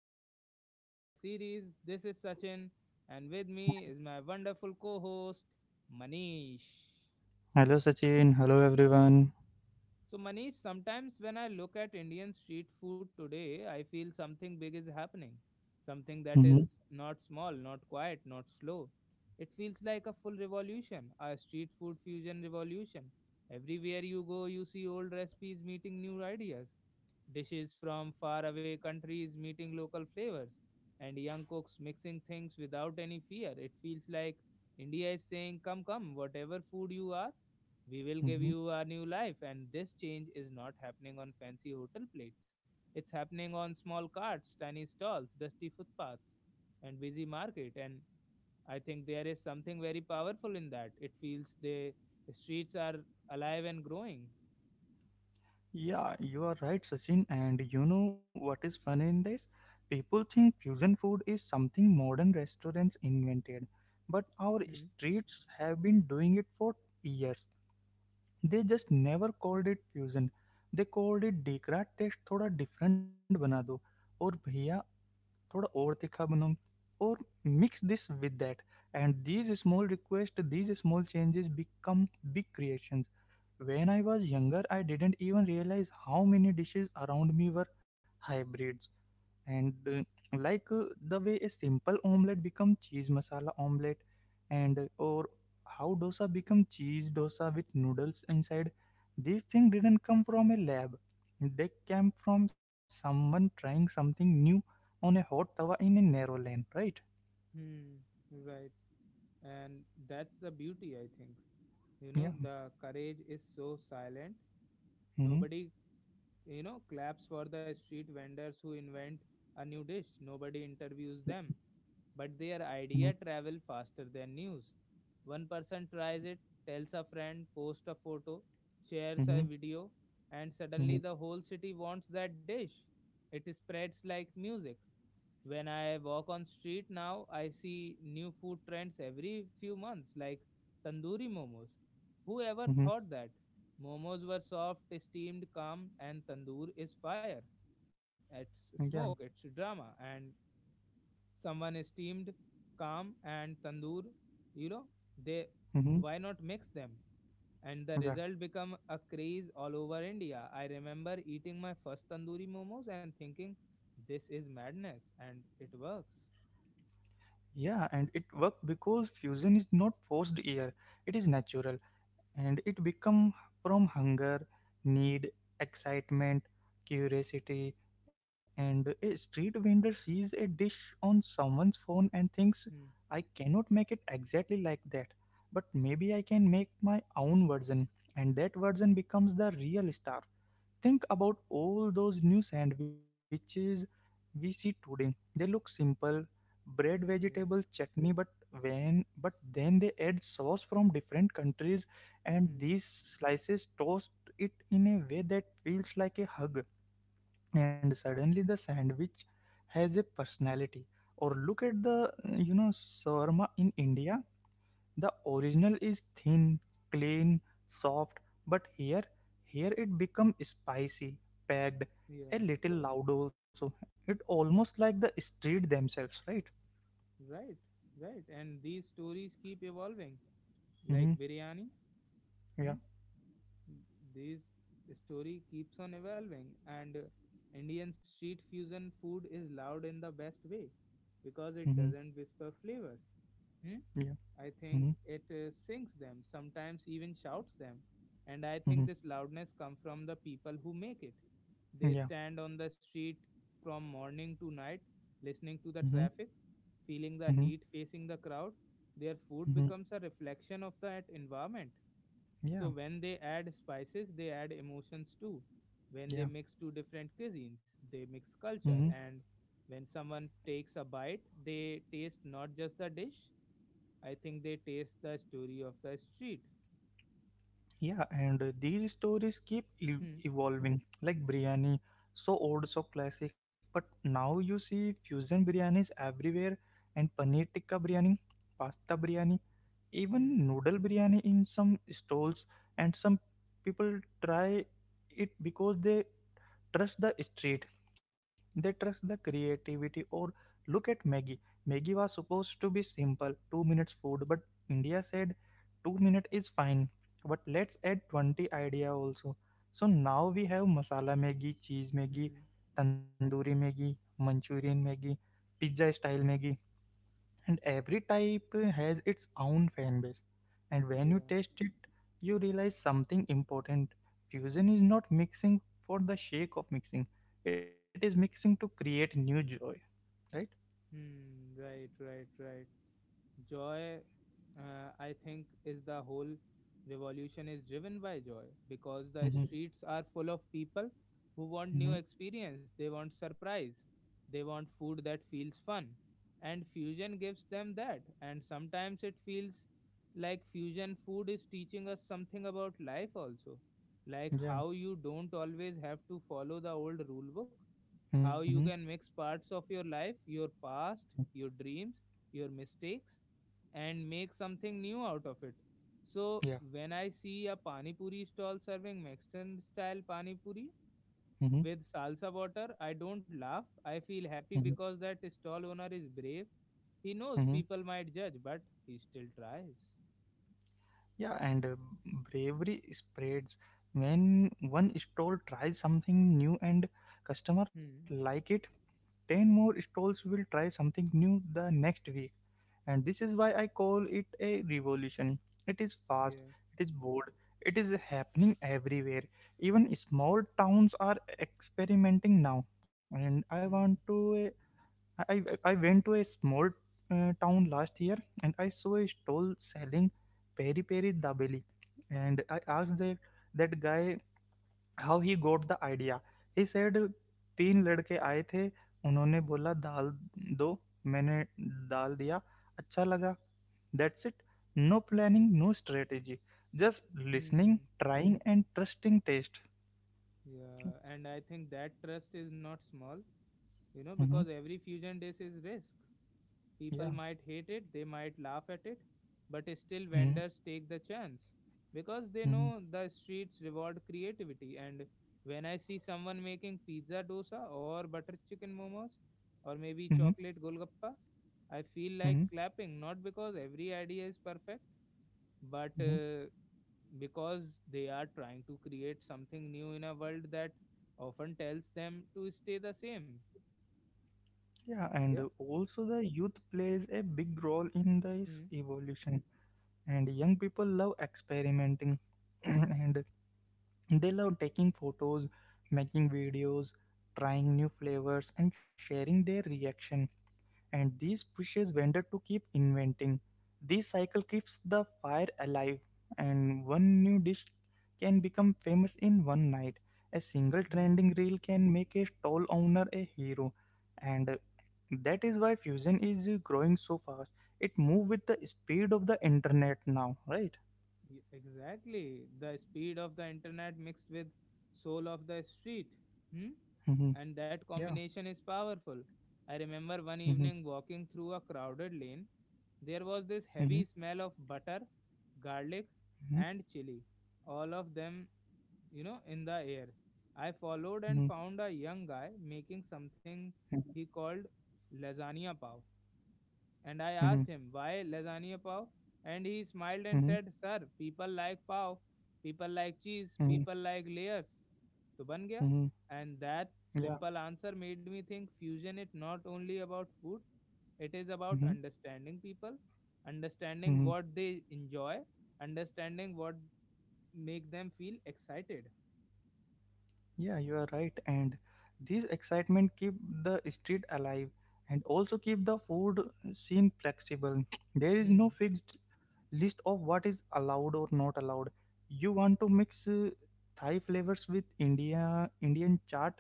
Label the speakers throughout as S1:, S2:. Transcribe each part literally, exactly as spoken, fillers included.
S1: back to our podcast series. This is Sachin, and with me is my wonderful co host, Manish.
S2: Hello, Sachin. Hello, everyone.
S1: So, Manish, sometimes when I look at Indian street food today, I feel something big is happening. Something that is
S2: Mhm,
S1: not small, not quiet, not slow. It feels like a full revolution, a street food fusion revolution. Everywhere you go, you see old recipes meeting new ideas, dishes from faraway countries meeting local flavors, and young cooks mixing things without any fear. It feels like India is saying, come, come, whatever food you are we will give
S2: mhm.
S1: you a new life, and this change is not happening on fancy hotel plates. It's happening on small carts, tiny stalls, dusty footpaths, and busy market. And I think there is something very powerful in that. It feels the streets are alive and growing.
S2: Yeah, you are right, Sachin. And you know what is funny in this? People think fusion food is something modern restaurants invented, but our
S1: Hmm.
S2: streets have been doing it for years. They just never called it fusion. They called it dekra taste थोड़ा different बना दो और भैया थोड़ा और तीखा बनाओ और mix this with that. And these small requests, these small changes become big creations. When I was younger, I didn't even realize how many dishes around me were hybrids. And uh, like uh, The way a simple omelette become cheese masala omelette, and uh, or how dosa become cheese dosa with noodles inside. These things didn't come from a lab. They came from someone trying something new on a hot tawa in a narrow lane, right?
S1: Hmm, right. And that's the beauty, I think. You know,
S2: Yeah.
S1: the courage is so silent.
S2: Mm-hmm.
S1: Nobody, you know, claps for the street vendors who invent a new dish. Nobody interviews them. But their
S2: Mm-hmm.
S1: idea travel faster than news. One person tries it, tells a friend, posts a photo, shares a
S2: Mm-hmm.
S1: video, and suddenly
S2: Mm-hmm.
S1: the whole city wants that dish. It spreads like music. When I walk on street now, I see new food trends every few months, like tandoori momos. Whoever
S2: Mm-hmm.
S1: thought that momos were soft, steamed, calm, and tandoor is fire? It's
S2: Yeah.
S1: smoke, it's drama, and someone is steamed, calm, and tandoor, you know they,
S2: Mm-hmm.
S1: why not mix them? And the
S2: Yeah.
S1: result become a craze all over India. I remember eating my first tandoori momos and thinking, this is madness, and it works.
S2: Yeah, and it worked because fusion is not forced here, it is natural and it become from hunger, need, excitement, curiosity. And a street vendor sees a dish on someone's phone and thinks,
S1: Hmm.
S2: I cannot make it exactly like that, but maybe I can make my own version, and that version becomes the real star. Think about all those new sandwiches we see today. They look simple, bread, vegetable,
S1: Yeah.
S2: chutney, but when but then they add sauce from different countries and
S1: Hmm.
S2: these slices toast it in a way that feels like a hug, and suddenly the sandwich has a personality. Or look at the you know shawarma in India. The original is thin, clean, soft, but here here it become spicy, packed, a
S1: Yeah.
S2: little loud also. It almost like the street themselves, right?
S1: Right. Right. And these stories keep evolving, like
S2: Mm-hmm.
S1: biryani. Hmm.
S2: Yeah.
S1: This story keeps on evolving, and uh, Indian street fusion food is loud in the best way, because it
S2: Mm-hmm.
S1: doesn't whisper flavors. Hmm?
S2: Yeah.
S1: I think
S2: Mm-hmm.
S1: it uh, sings them, sometimes even shouts them. And I think this
S2: Mm-hmm.
S1: loudness comes from the people who make it. They
S2: Yeah.
S1: stand on the street from morning to night, listening to the
S2: Mm-hmm.
S1: traffic, feeling the
S2: Mm-hmm.
S1: heat, facing the crowd. Their food
S2: Mm-hmm.
S1: becomes a reflection of that environment. So
S2: Yeah.
S1: when they add spices, they add emotions too. When they mix
S2: Yeah.
S1: two different cuisines, they mix culture.
S2: Mm-hmm.
S1: And when someone takes a bite, they taste not just the dish, I think they taste the story of the street.
S2: Yeah, and uh, these stories keep e-
S1: Hmm,
S2: evolving, like biryani, so old, so classic, but now you see fusion biryanis everywhere, and paneer tikka biryani, pasta biryani,
S1: hmm,
S2: even noodle biryani in some stalls, and some people try it because they trust the street, they trust the creativity. Or look at maggie. Maggie was supposed to be simple two minutes food, but India said two minute is fine, but let's add twenty idea also. So now we have masala maggie, cheese maggie,
S1: hmm.
S2: tandoori maggie, manchurian maggie, pizza style maggie, and every type has its own fan base. And when you
S1: Yeah.
S2: taste it, you realize something important: fusion is not mixing for the sake of mixing, it is mixing to create new joy, right?
S1: Hmm. Right, right, right. Joy, uh, I think, is the whole revolution is driven by joy, because the
S2: mm-hmm.
S1: streets are full of people who want new
S2: Mm-hmm.
S1: experience, they want surprise, they want food that feels fun, and fusion gives them that. And sometimes it feels like fusion food is teaching us something about life also, like
S2: yeah
S1: how you don't always have to follow the old rule book, how
S2: mm-hmm.
S1: you can mix parts of your life, your past, your dreams, your mistakes, and make something new out of it.
S2: yeah
S1: So when I see a pani puri stall serving Mexican style pani puri
S2: mm-hmm.
S1: with salsa water, I don't laugh. I feel
S2: Mm-hmm.
S1: happy because that stall owner is brave. He
S2: Mm-hmm.
S1: knows people might judge, but he still tries.
S2: Yeah, and uh, bravery spreads. When one stall tries something new and customer
S1: Hmm.
S2: like it, ten more stalls will try something new the next week. And this is why I call it a revolution. It is fast,
S1: Yeah.
S2: it is bold, it is happening everywhere. Even small towns are experimenting now. And I want to, uh, I, I I went to a small uh, town last year and I saw a stall selling peri peri dabeli, and I asked that that guy how he got the idea he said तीन लड़के आए थे उन्होंने बोला दाल दो मैंने डाल दिया अच्छा लगा that's it no planning no strategy just listening
S1: Hmm.
S2: Trying and trusting taste.
S1: Yeah, and I think that trust is not small, you know,
S2: hmm
S1: because every fusion dish is risk.
S2: yeah
S1: People might hate it, they might laugh at it, but still
S2: mm-hmm.
S1: vendors take the chance because they
S2: Mm-hmm.
S1: know the streets reward creativity. And when I see someone making pizza dosa or butter chicken momos or maybe
S2: Mm-hmm.
S1: chocolate golgappa, I feel like
S2: Mm-hmm.
S1: clapping, not because every idea is perfect, but
S2: Mm-hmm.
S1: uh, because they are trying to create something new in a world that often tells them to stay the same.
S2: Yeah,
S1: Yeah.
S2: and also the youth plays a big role in this evolution, and young people love experimenting and they love taking photos, making videos, trying new flavors, and sharing their reaction. And this pushes vendor to keep inventing. This cycle keeps the fire alive, and one new dish can become famous in one night. A single
S1: Mm-hmm.
S2: trending reel can make a stall owner a hero, and uh, that is why fusion is uh, growing so fast. It moves with the speed of the internet now, right?
S1: Exactly. The speed of the internet mixed with soul of the street. Hmm?
S2: Mhm.
S1: And that
S2: yeah.
S1: combination is powerful. I remember one
S2: hmm
S1: evening walking through a crowded lane. There was this
S2: hmm
S1: heavy smell of butter, garlic, and chili, all of them, you know, in the air. I followed
S2: hmm
S1: and found a young guy making something he called lasagna pav. And
S2: Mm-hmm.
S1: I asked him, why lasagna pav? And he smiled
S2: Mm-hmm.
S1: and said, sir, people like pav, people like cheese,
S2: Mm-hmm.
S1: people like layers. To ban gaya.
S2: Mm-hmm.
S1: And that
S2: Yeah.
S1: simple answer made me think fusion is not only about food, it is about
S2: Mm-hmm.
S1: understanding people, understanding
S2: Mm-hmm.
S1: what they enjoy, understanding what make them feel excited.
S2: Yeah, you are right. And this excitement keep the street alive and also keep the food scene flexible. There is no
S1: Hmm.
S2: fixed list of what is allowed or not allowed. You want to mix uh, Thai flavors with India Indian chaat?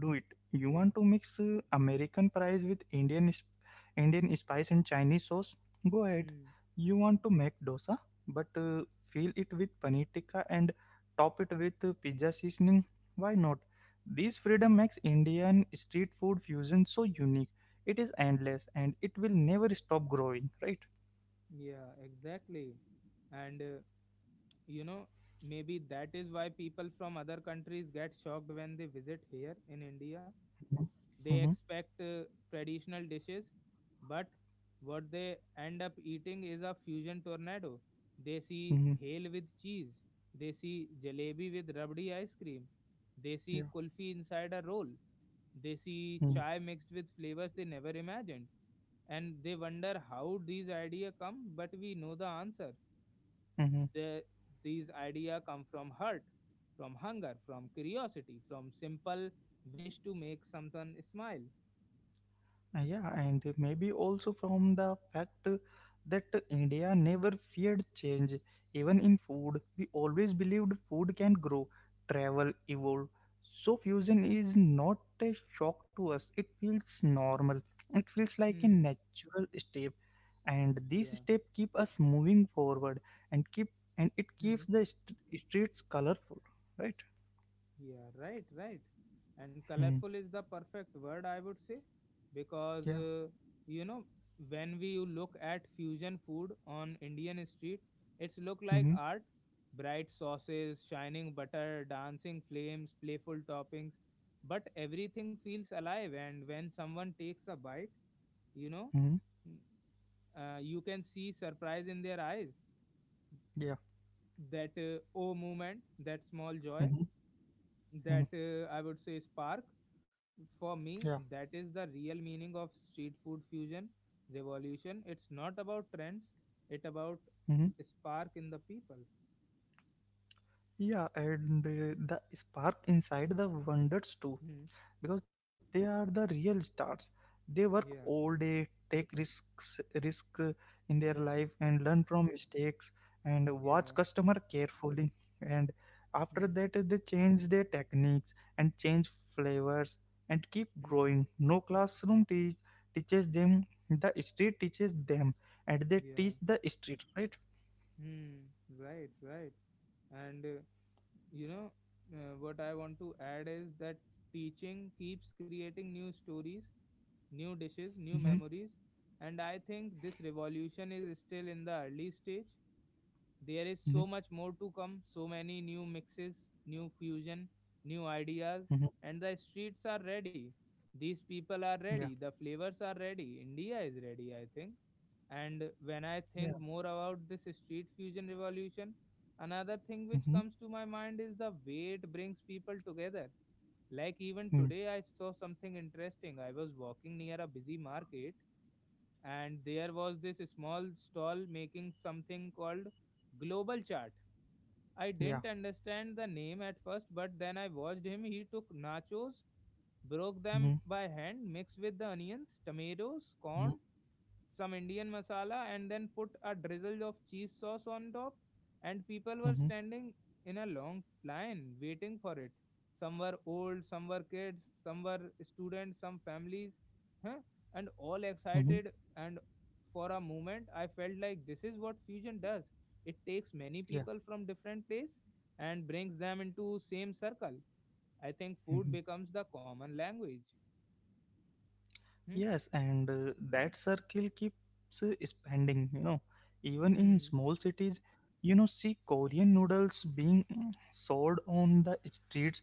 S2: Do it. You
S1: Yeah.
S2: want to mix uh, American fries with Indian sp- Indian spice and Chinese sauce? Go ahead.
S1: Hmm.
S2: You want to make dosa, but uh, fill it with paneer tikka and top it with uh, pizza seasoning? Why not? This freedom makes Indian street food fusion so unique. It is endless and it will never stop growing, right?
S1: Yeah, exactly. And uh, you know, maybe that is why people from other countries get shocked when they visit here in India. They
S2: Mm-hmm.
S1: expect uh, traditional dishes, but what they end up eating is a fusion tornado. They see
S2: Mm-hmm.
S1: bhel with cheese. They see jalebi with rabdi ice cream. They see
S2: Yeah.
S1: kulfi inside a roll. They see chai mixed with flavors they never imagined. And they wonder how these ideas come, but we know the answer.
S2: Mm-hmm.
S1: The, these ideas come from hurt, from hunger, from curiosity, from simple wish to make someone smile.
S2: Uh, Yeah, and maybe also from the fact that India never feared change, even in food. We always believed food can grow, travel, evolve. So, fusion is not a shock to us, it feels normal, it feels like a
S1: Hmm.
S2: natural step. And these
S1: Yeah.
S2: steps keep us moving forward and keep and it
S1: Hmm.
S2: keeps the st- streets colorful, right?
S1: Yeah. Right. Right. And
S2: Hmm.
S1: colorful is the perfect word, I would say,
S2: Yeah.
S1: because uh, you know, when we look at fusion food on Indian street, it's look like
S2: Mm-hmm.
S1: art. Bright sauces, shining butter, dancing flames, playful toppings, but everything feels alive. And when someone takes a bite, you know,
S2: Mm-hmm.
S1: mm, uh, you can see surprise in their eyes.
S2: Yeah.
S1: That uh, oh moment, that small joy,
S2: Mm-hmm. Mm-hmm.
S1: that
S2: Mm-hmm.
S1: uh, I would say spark, for
S2: Yeah.
S1: me that is the real meaning of street food fusion revolution. It's not about trends, it about
S2: Mm-hmm.
S1: spark in the people.
S2: Yeah, and uh, the spark inside the wonders too,
S1: Hmm.
S2: because they are the real stars. They work
S1: Yeah.
S2: all day, take risks, risk uh, in their
S1: Hmm.
S2: life, and learn from mistakes, and watch
S1: Yeah.
S2: customer carefully. And after
S1: Hmm.
S2: that, uh, they change their techniques and change flavors and keep
S1: Hmm.
S2: growing. No classroom teach teaches them. The street teaches them, and they
S1: Yeah.
S2: teach the street, right?
S1: Hmm. Right, right. And uh, you know, uh, what I want to add is that teaching keeps creating new stories, new dishes,
S2: Mm-hmm,
S1: new memories. And I think this revolution is still in the early stage. There is
S2: mm-hmm,
S1: so much more to come, so many new mixes, new fusion, new ideas.
S2: mm-hmm.
S1: And the streets are ready, these people are
S2: Yeah,
S1: ready, the flavors are ready, India is ready, I think. And when I
S2: yeah.
S1: think more about this street fusion revolution, another thing
S2: Mm-hmm.
S1: which comes to my mind is the way it brings people together. Like even
S2: mm-hmm.
S1: today, I saw something interesting. I was walking near a busy market, and there was this small stall making something called global chart. I
S2: Yeah.
S1: didn't understand the name at first, but then I watched him. He took nachos, broke them
S2: hmm
S1: by hand, mixed with the onions, tomatoes, corn,
S2: hmm
S1: some Indian masala, and then put a drizzle of cheese sauce on top. And people were
S2: hmm
S1: standing in a long line waiting for it. Some were old, some were kids, some were students, some families, huh? And all excited.
S2: hmm
S1: And for a moment, I felt like this is what fusion does. It takes many people
S2: Yeah.
S1: from different place and brings them into same circle. I think food
S2: hmm
S1: becomes the common language. Hmm,
S2: Yes, and uh, that circle keeps uh, expanding. You know, even in
S1: hmm,
S2: small cities, you know, see Korean noodles being mm, sold on the streets.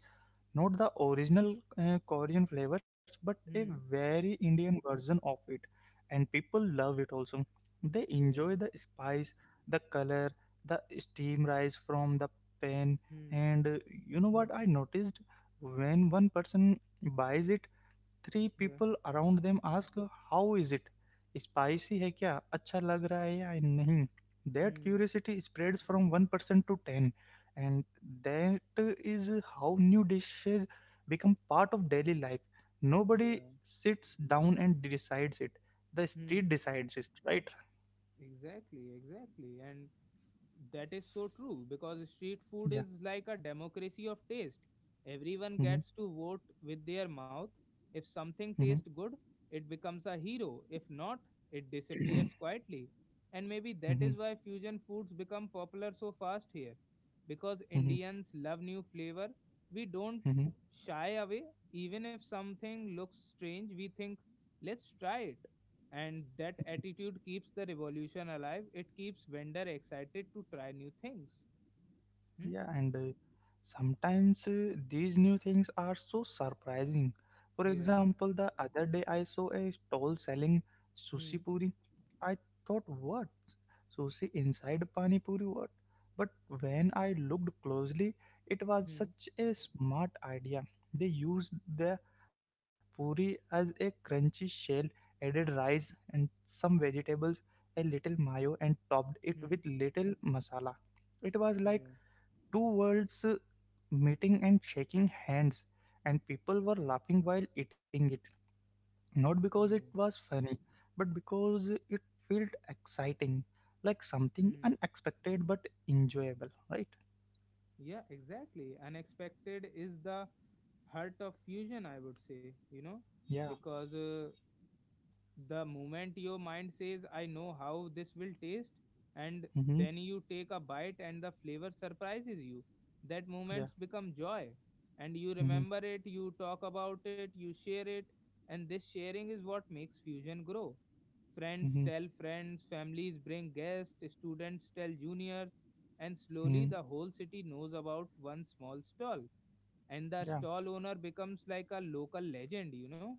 S2: Not the original uh, Korean flavors, but a
S1: hmm.
S2: very Indian version of it. And people love it also. They
S1: Yeah.
S2: enjoy the spice, the color, the steam rise from the pan.
S1: Hmm.
S2: And uh, you know what I noticed? When one person buys it, three
S1: Yeah.
S2: people around them ask how is it, spicy hai kya, acha lag raha hai ya nahi. That
S1: Hmm.
S2: curiosity spreads from one percent to ten, and that is how new dishes become part of daily life. Nobody
S1: Yeah.
S2: sits down and decides it, the
S1: Hmm.
S2: street decides it, right?
S1: Exactly, exactly. And that is so true because street food
S2: yeah
S1: is like a democracy of taste. Everyone
S2: mm-hmm.
S1: gets to vote with their mouth. If something tastes good, it becomes a hero. If not, it
S2: Mm-hmm.
S1: disappears quietly. And maybe that
S2: Mm-hmm.
S1: is why fusion foods become popular so fast here. Because Indians love new flavor, we don't
S2: Mm-hmm.
S1: shy away. Even if something looks strange, we think, let's try it. And that attitude keeps the revolution alive, it keeps vendor excited to try new things. Hmm?
S2: Yeah, and uh, sometimes uh, these new things are so surprising. For
S1: Yeah.
S2: example, the other day I saw a stall selling sushi
S1: Hmm.
S2: puri. I thought, what? Sushi inside pani puri? What? But when I looked closely, it was
S1: Hmm.
S2: such a smart idea. They used the puri as a crunchy shell, added rice and some vegetables, a little mayo, and topped it with
S1: Hmm.
S2: little masala. It was like
S1: Yeah.
S2: two worlds uh, meeting and shaking hands, and people were laughing while eating it, not because it
S1: Yeah.
S2: was funny but because it felt exciting, like something
S1: Hmm.
S2: unexpected but enjoyable, right?
S1: Yeah, exactly unexpected is the heart of fusion, I would say, you know,
S2: yeah
S1: because uh, the moment your mind says I know how this will taste, and
S2: mm-hmm.
S1: then you take a bite and the flavor surprises you, that
S2: yeah
S1: moments become joy. And you
S2: mm-hmm.
S1: remember it, you talk about it, you share it. And this sharing is what makes fusion grow. Friends
S2: Mm-hmm.
S1: tell friends, families bring guests, students tell juniors, and slowly
S2: Mm-hmm.
S1: the whole city knows about one small stall, and the
S2: yeah
S1: stall owner becomes like a local legend, you know.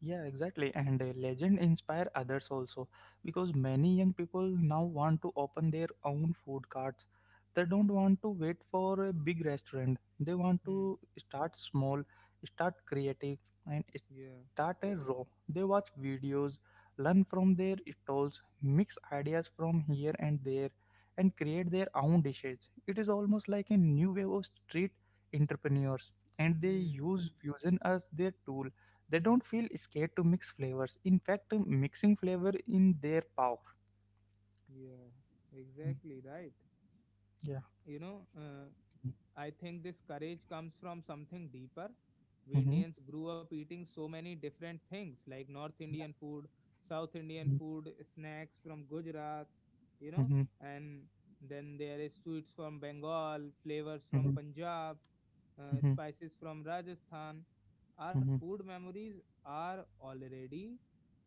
S2: Yeah, exactly. And uh, legend inspire others also, because many young people now want to open their own food carts. They don't want to wait for a big restaurant. They want
S1: Hmm.
S2: to start small, start creative, and
S1: Yeah.
S2: start a row. They watch videos, learn from their stalls, mix ideas from here and there, and create their own dishes. It is almost like a new wave of street entrepreneurs, and they
S1: Hmm.
S2: use fusion as their tool. They don't feel scared to mix flavors. In fact, mixing flavor in their power.
S1: Yeah,
S2: Mm,
S1: exactly right.
S2: Yeah.
S1: You know, uh, I think this courage comes from something deeper. We
S2: Mm-hmm.
S1: Indians grew up eating so many different things, like North Indian food, South Indian food, snacks from Gujarat, you know,
S2: Mhm,
S1: and then there is sweets from Bengal, flavors from
S2: mhm,
S1: Punjab, uh,
S2: mhm,
S1: spices from Rajasthan. Our
S2: mhm,
S1: food memories are already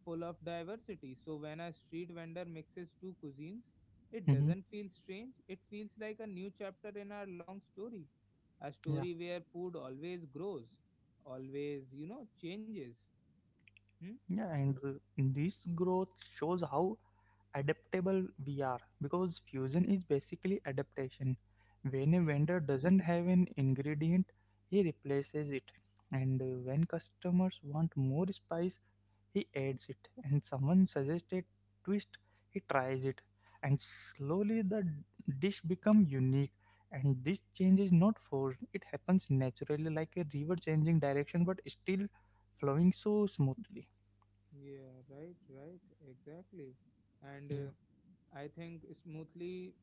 S1: full of diversity. So when a street vendor mixes two cuisines, it
S2: mhm.
S1: doesn't feel strange, it feels like a new chapter in our long story. A
S2: Yeah,
S1: story where food always grows, always, you know, changes. Hmm?
S2: yeah, and uh, this growth shows how adaptable we are, because fusion is basically adaptation. When a
S1: Hmm.
S2: vendor doesn't have an ingredient, he replaces it, and uh, when customers want more spice, he adds it. And someone suggests a twist. He tries it, and slowly the dish becomes unique. And this change is not forced; it happens naturally, like a river changing direction but still flowing so smoothly.
S1: Yeah, right, right, exactly. And
S2: Yeah.
S1: uh, I think smoothly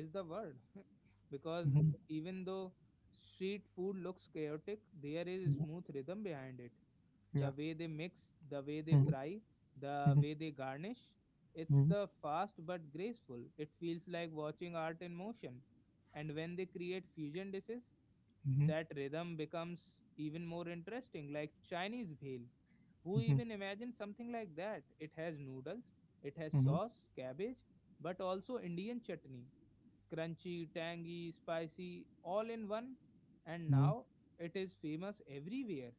S1: is the word because
S2: Mhm.
S1: even though street food looks chaotic, there is a
S2: Mhm.
S1: smooth rhythm behind it. The
S2: Yeah.
S1: way they mix, the way they
S2: Mhm.
S1: fry, the
S2: Mhm.
S1: way they garnish, it's the fast but graceful. It feels like watching art in motion. And when they create fusion dishes,
S2: Mhm.
S1: that rhythm becomes even more interesting, like Chinese bhel. Who
S2: Mhm.
S1: even imagined something like that? It has noodles, it has
S2: Mhm.
S1: sauce, cabbage, but also Indian chutney crunchy, tangy, spicy, all in one, and
S2: Mhm.
S1: now it is famous everywhere.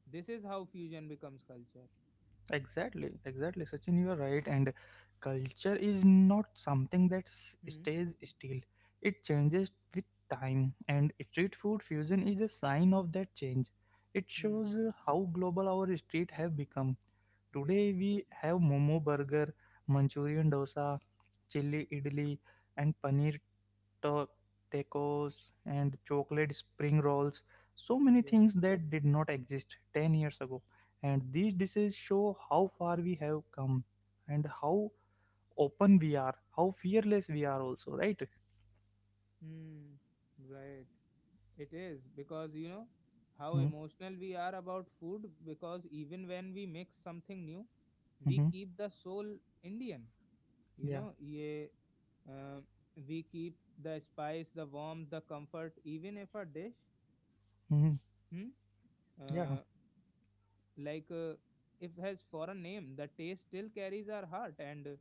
S1: This is how fusion becomes culture.
S2: Exactly, exactly, Sachin, you are right. And culture is not something that s-
S1: Hmm.
S2: stays still, it changes with time. And street food fusion is a sign of that change. It
S1: Hmm.
S2: shows uh, how global our street have become.
S1: Yeah,
S2: Today, we have momo burger, Manchurian dosa, chili idli, and paneer ta- tacos and chocolate spring rolls, so many
S1: yeah.
S2: things that did not exist ten years ago. And these dishes show how far we have come and how open we are, how fearless we are also, right?
S1: Hmm. Right. It is because you know how
S2: mm-hmm.
S1: emotional we are about food, because even when we mix something new, we
S2: Mm-hmm.
S1: keep the soul Indian. You
S2: yeah
S1: know, yeah, uh, we keep the spice, the warmth, the comfort, even if a dish
S2: hmm
S1: hmm,
S2: yeah
S1: uh, like, uh, if has foreign name, the taste still carries our heart. And uh,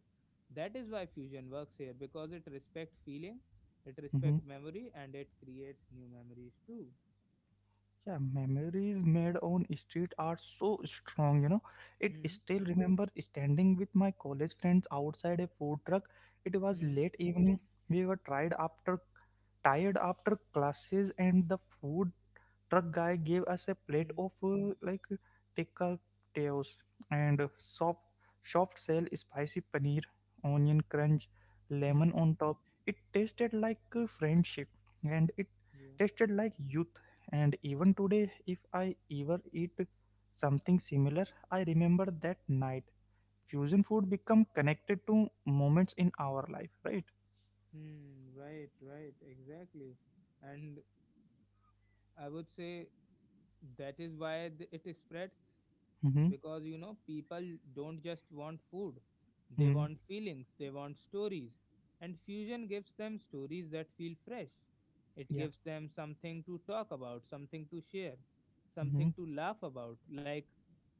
S1: that is why fusion works here, because it respect feeling, it
S2: Mm-hmm.
S1: respect memory, and it creates new memories too.
S2: Yeah, memories made on street are so strong, you know. It
S1: Hmm.
S2: still remember standing with my college friends outside a food truck. It was
S1: Hmm.
S2: late evening. We were tired after tired after classes, and the food truck guy gave us a plate
S1: Hmm.
S2: of uh, like tikka tails and soft soft shell spicy paneer, onion crunch, lemon
S1: Hmm.
S2: on top. It tasted like uh, friendship, and it
S1: Yeah.
S2: tasted like youth. And even today, if I ever eat something similar, I remember that night. Fusion food become connected to moments in our life, right?
S1: Hmm. Right. Right. Exactly. And I would say that is why th- it spreads,
S2: mm-hmm,
S1: because you know people don't just want food, they
S2: mm-hmm,
S1: want feelings, they want stories, and fusion gives them stories that feel fresh. It
S2: yeah
S1: gives them something to talk about, something to share,
S2: mm-hmm,
S1: something to laugh about. Like,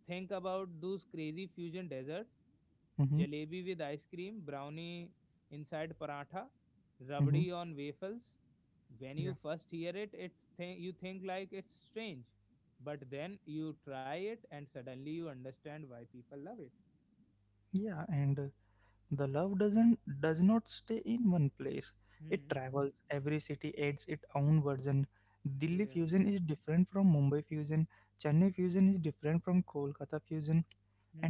S1: think about those crazy fusion dessert,
S2: mm-hmm,
S1: jalebi with ice cream, brownie inside paratha,
S2: mm-hmm,
S1: rabdi on waffles. When you
S2: yeah
S1: first hear it it th- you think like it's strange, but then you try it and suddenly you understand why people love it.
S2: yeah, and uh, the love doesn't does not stay in one place. It
S1: Hmm.
S2: travels. Every city adds its own version. Delhi
S1: Yeah.
S2: fusion is different from Mumbai fusion. Chennai fusion is different from Kolkata fusion,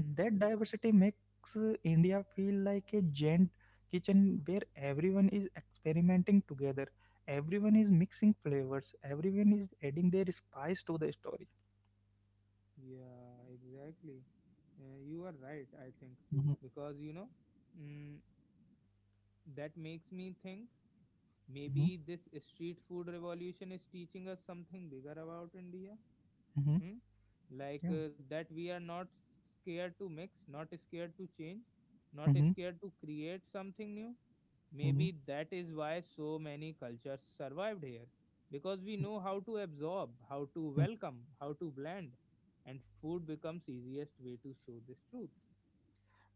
S2: and that diversity makes uh, India feel like a giant kitchen where everyone is experimenting together. Everyone is mixing flavors. Everyone is adding their spice to the story.
S1: Yeah, exactly. Uh, you are right, I think,
S2: Mhm,
S1: because you know, mm, that makes me think maybe
S2: mhm,
S1: this street food revolution is teaching us something bigger about india.
S2: mhm,
S1: Hmm? Like,
S2: yeah.
S1: uh, that we are not scared to mix, not scared to change, not
S2: Mm-hmm.
S1: scared to create something new.
S2: Mm-hmm.
S1: Maybe that is why so many cultures survived here, because we
S2: Yeah. Mm-hmm.
S1: know how to absorb, how to welcome, how to blend, and food becomes easiest way to show this truth.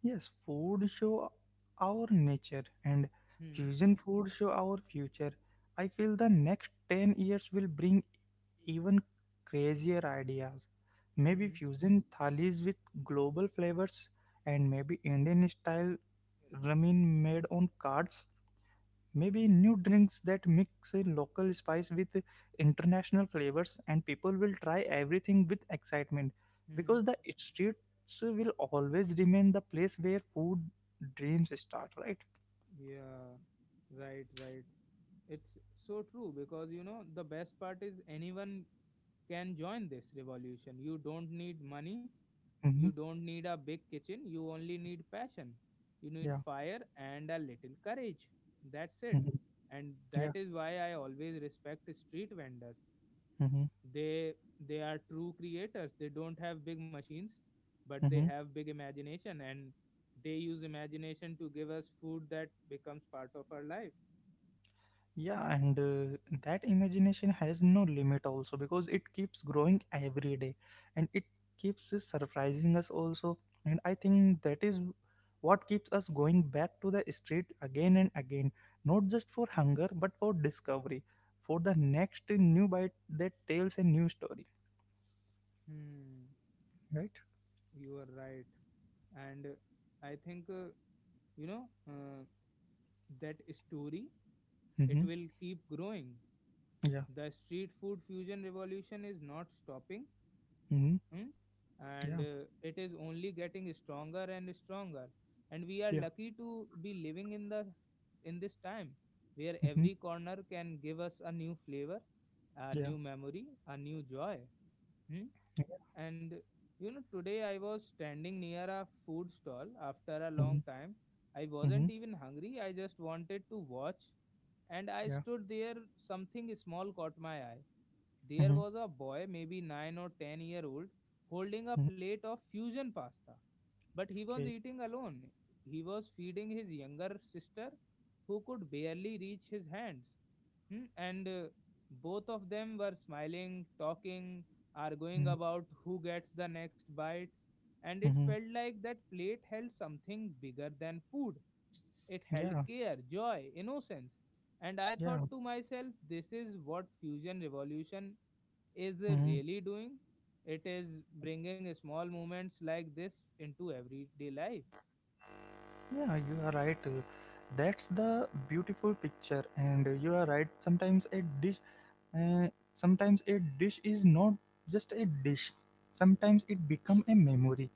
S2: Yes, food show our nature and
S1: Hmm.
S2: fusion food show our future. I feel the next ten years will bring even crazier ideas. Maybe
S1: Hmm.
S2: fusion thalis with global flavors, and maybe Indian style ramen made on cards. Maybe new drinks that mix a local spice with international flavors, and people will try everything with excitement
S1: Hmm.
S2: because the streets will always remain the place where food dreams start, right?
S1: Yeah, right, right. It's so true, because you know the best part is anyone can join this revolution. You don't need money, you
S2: Mm-hmm.
S1: don't need a big kitchen, you only need passion. You need
S2: Yeah.
S1: fire and a little courage. That's it.
S2: Mm-hmm.
S1: And
S2: Yeah.
S1: that is why I always respect street vendors.
S2: Mm-hmm.
S1: They they are true creators. They don't have big machines, but they
S2: Mm-hmm.
S1: have big imagination, and they use imagination to give us food that becomes part of our life.
S2: Yeah, and uh, that imagination has no limit also because it keeps growing every day, and it keeps surprising us also. And I think that is what keeps us going back to the street again and again, not just for hunger but for discovery, for the next new bite that tells a new story,
S1: Hmm,
S2: right?
S1: you are right. And uh, I think, uh, you know, uh, that story, it
S2: Mm-hmm.
S1: will keep growing.
S2: Yeah.
S1: The street food fusion revolution is not stopping,
S2: Mm-hmm.
S1: hmm, and
S2: Yeah.
S1: uh, it is only getting stronger and stronger. And we are
S2: Yeah.
S1: lucky to be living in the in this time where
S2: Mm-hmm.
S1: every corner can give us a new flavor, a
S2: Yeah.
S1: new memory, a new joy. Hmm.
S2: Mm-hmm.
S1: And you know, today I was standing near a food stall after a
S2: Mm-hmm.
S1: long time. I
S2: Mm-hmm.
S1: wasn't even hungry. I just wanted to watch, and I
S2: Yeah.
S1: stood there, something small caught my eye. There
S2: Mm-hmm.
S1: was a boy, maybe nine or ten year old, holding a
S2: Mm-hmm.
S1: plate of fusion pasta. But he was
S2: Okay.
S1: eating alone. He was feeding his younger sister, who could barely reach his hands. Hmm. And uh, both of them were smiling, talking, arguing
S2: Mm-hmm.
S1: about who gets the next bite. And it
S2: Mm-hmm.
S1: felt like that plate held something bigger than food, it held
S2: Yeah.
S1: care, joy, innocence. And I thought
S2: Yeah.
S1: to myself, this is what fusion revolution is uh,
S2: Mm-hmm.
S1: really doing. It is bringing small moments like this into everyday life.
S2: Yeah, you are right. uh, That's the beautiful picture, and uh, you are right. Sometimes a dish, uh, sometimes a dish is not just a dish. Sometimes it become a memory,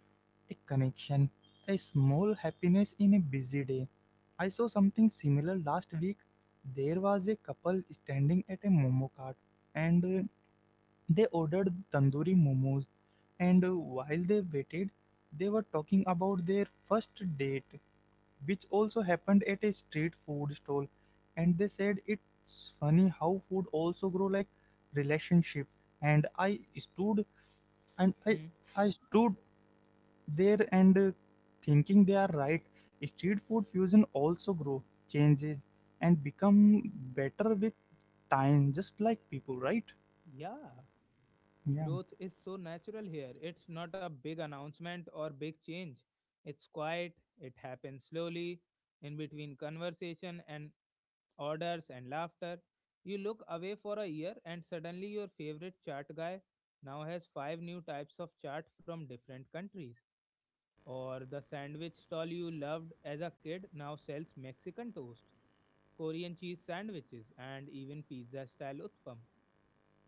S2: a connection, a small happiness in a busy day. I saw something similar last week. There was a couple standing at a momo cart, and uh, they ordered tandoori momos. And uh, while they waited, they were talking about their first date, which also happened at a street food stall, and they said it's funny how food also grow like relationship. And i stood and i
S1: Hmm.
S2: i stood there and uh, thinking they are right. Street food fusion also grow, changes, and become better with time, just like people, right?
S1: Yeah,
S2: Yeah.
S1: growth is so natural here. It's not a big announcement or big change. It's quiet, it happens slowly, in between conversation and orders, and laughter. You look away for a year, and suddenly your favorite chart guy now has five new types of chart from different countries. Or the sandwich stall you loved as a kid now sells Mexican toast, Korean cheese sandwiches, and even pizza style utpam.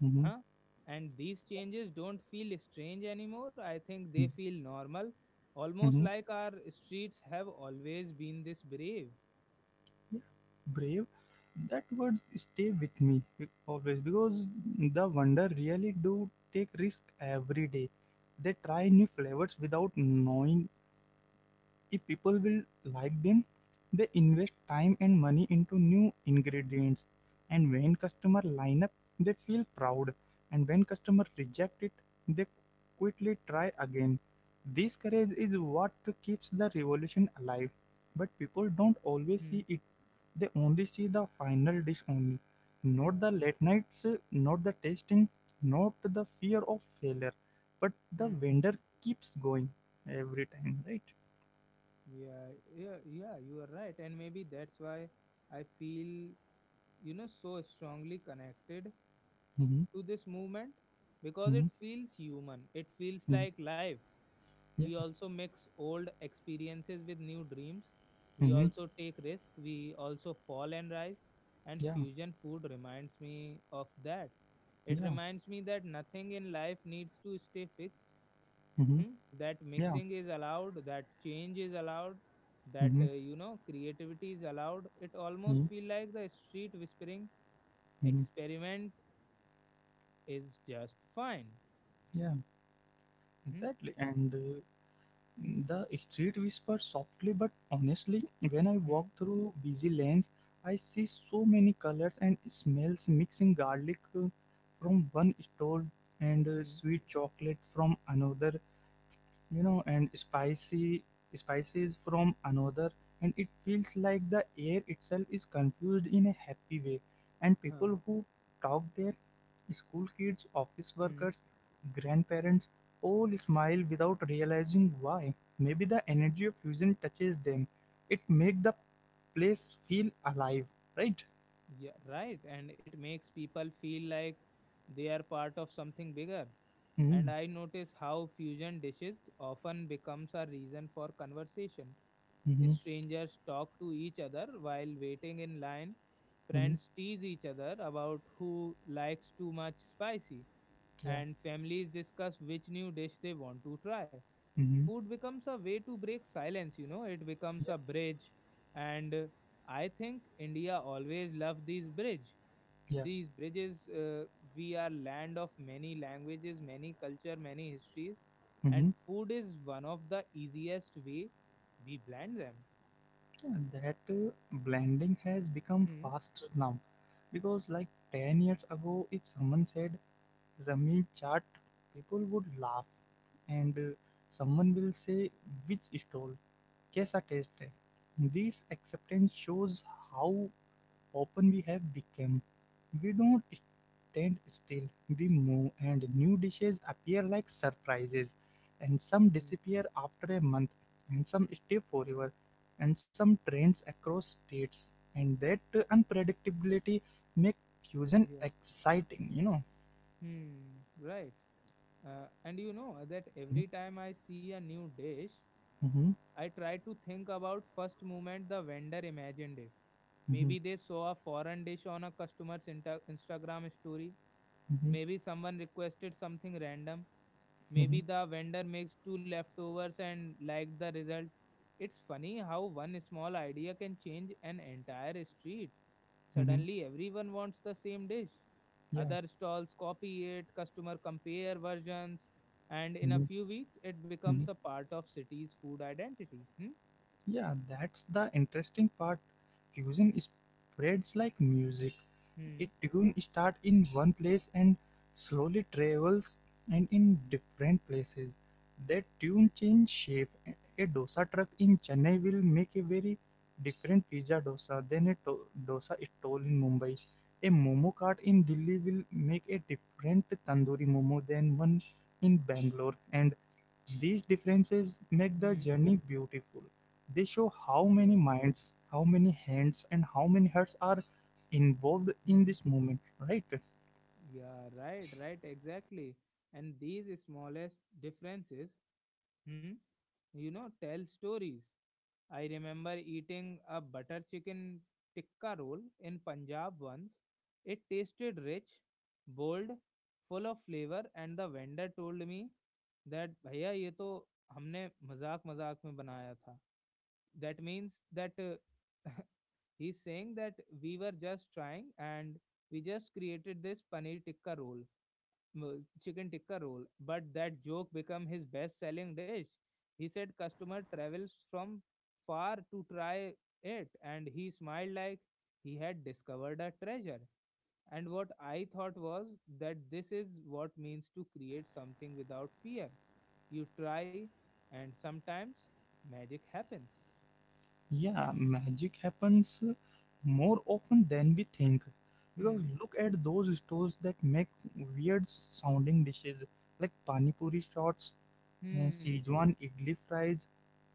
S2: Mm-hmm.
S1: Huh? And these changes don't feel strange anymore. I think they feel normal, almost
S2: Mm-hmm.
S1: like our streets have always been this brave.
S2: Yeah, brave, that word stay with me be- always because the wonder really do take risk every day. They try new flavors without knowing if people will like them. They invest time and money into new ingredients, and when customer line up they feel proud, and when customer reject it they quickly try again. This courage is what keeps the revolution alive, but people don't always
S1: Hmm.
S2: see it. They only see the final dish only, not
S1: Yeah.
S2: the late nights, not the tasting, not the fear of failure, but the
S1: Hmm.
S2: vendor keeps going every time, right?
S1: Yeah, yeah, yeah, you are right. And maybe that's why I feel, you know, so strongly connected
S2: Mm-hmm.
S1: to this movement, because it
S2: Mhm.
S1: feels human. It feels
S2: Mhm.
S1: like life.
S2: Yeah.
S1: We also mix old experiences with new dreams. We
S2: Mhm.
S1: also take risk. We also fall and rise. And
S2: Yeah.
S1: fusion food reminds me of that. It
S2: Yeah.
S1: reminds me that nothing in life needs to stay fixed, hmm,
S2: Mhm.
S1: that mixing
S2: Yeah.
S1: is allowed, that change is allowed, that
S2: Mhm.
S1: uh, you know creativity is allowed. It almost
S2: Mhm.
S1: feel like the street whispering
S2: Mhm.
S1: experiment is just fine.
S2: Yeah.
S1: Hmm?
S2: Exactly. And uh, the street whispers softly, but honestly, when I walk
S1: Hmm?
S2: through busy lanes, I see so many colors and smells mixing garlic uh, from one stall, and uh,
S1: Hmm?
S2: sweet chocolate from another, you know, and spicy spices from another. And it feels like the air itself is confused in a happy way, and
S1: Huh?
S2: people who talk there, school kids, office
S1: Hmm?
S2: workers, grandparents, all smile without realizing why. Maybe the energy of fusion touches them. It makes the place feel alive, right?
S1: Yeah, right, and it makes people feel like they are part of something bigger,
S2: Mm-hmm,
S1: and I notice how fusion dishes often becomes a reason for conversation.
S2: mm-hmm,
S1: Strangers talk to each other while waiting in line.
S2: mm-hmm,
S1: Friends tease each other about who likes too much spicy,
S2: yeah,
S1: and families discuss which new dish they want to try.
S2: mm-hmm,
S1: Food becomes a way to break silence, you know, it becomes
S2: yeah,
S1: a bridge. And uh, I think India always loved these bridge.
S2: yeah.
S1: These bridges, uh, we are land of many languages, many culture, many histories, and
S2: Mm-hmm.
S1: food is one of the easiest way we blend them.
S2: That uh, blending has become
S1: Hmm.
S2: fast now because like ten years ago if someone said Ramin chart, people would laugh, and uh, someone will say, "Which stall? Kaisa taste hai?" This acceptance shows how open we have become. We don't stand still; we move, and new dishes appear like surprises, and some
S1: Hmm.
S2: disappear after a month, and some stay forever, and some trends across states. And that uh, unpredictability make fusion
S1: Yeah.
S2: exciting, you know.
S1: Hmm. Right. Uh, and you know that
S2: Mm-hmm,
S1: every time I see a new dish,
S2: mm-hmm,
S1: I try to think about first moment the vendor imagined it. Maybe they saw a foreign dish on a customer's inter- Instagram story.
S2: mm-hmm,
S1: Maybe someone requested something random.
S2: mm-hmm,
S1: Maybe the vendor makes two leftovers and liked the result. It's funny how one small idea can change an entire street.
S2: mm-hmm,
S1: Suddenly, everyone wants the same dish.
S2: yeah,
S1: Other stalls copy it, customer compare versions, and in a
S2: mm-hmm,
S1: few weeks, it becomes
S2: mm-hmm.
S1: a part of city's food identity. Hmm?
S2: Yeah, that's the interesting part. Fusion spreads like music. A
S1: Hmm?
S2: tune starts in one place and slowly travels, and in different places that tune change shape. A dosa truck in Chennai will make a very different pizza dosa than a to- dosa stall in Mumbai. A momo cart in Delhi will make a different tandoori momo than one in Bangalore. And these differences make the
S1: Hmm?
S2: journey beautiful. They show how many
S1: Yeah.
S2: minds, how many hands, and how many hearts are involved in
S1: Hmm.
S2: this movement, right?
S1: Yeah, right, right, exactly. And these smallest differences, hmm, you know, tell stories. I remember eating a butter chicken tikka roll in Punjab once. It tasted rich, bold, full of flavor, and the vendor told me that भैया ये तो हमने मजाक मजाक में बनाया था. That means that, uh, he's saying that we were just trying and we just created this paneer tikka roll, m- chicken tikka roll, but that joke became his best selling dish. He said customer travels from far to try it, and he smiled like he had discovered a treasure. And what I thought was that this is what means to create something without fear. You try, and sometimes magic happens. Hmm.
S2: Yeah, magic happens more often than we think. Because
S1: Hmm.
S2: look at those stores that make weird sounding dishes like pani puri shots, uh,
S1: Hmm.
S2: Szechuan idli fries,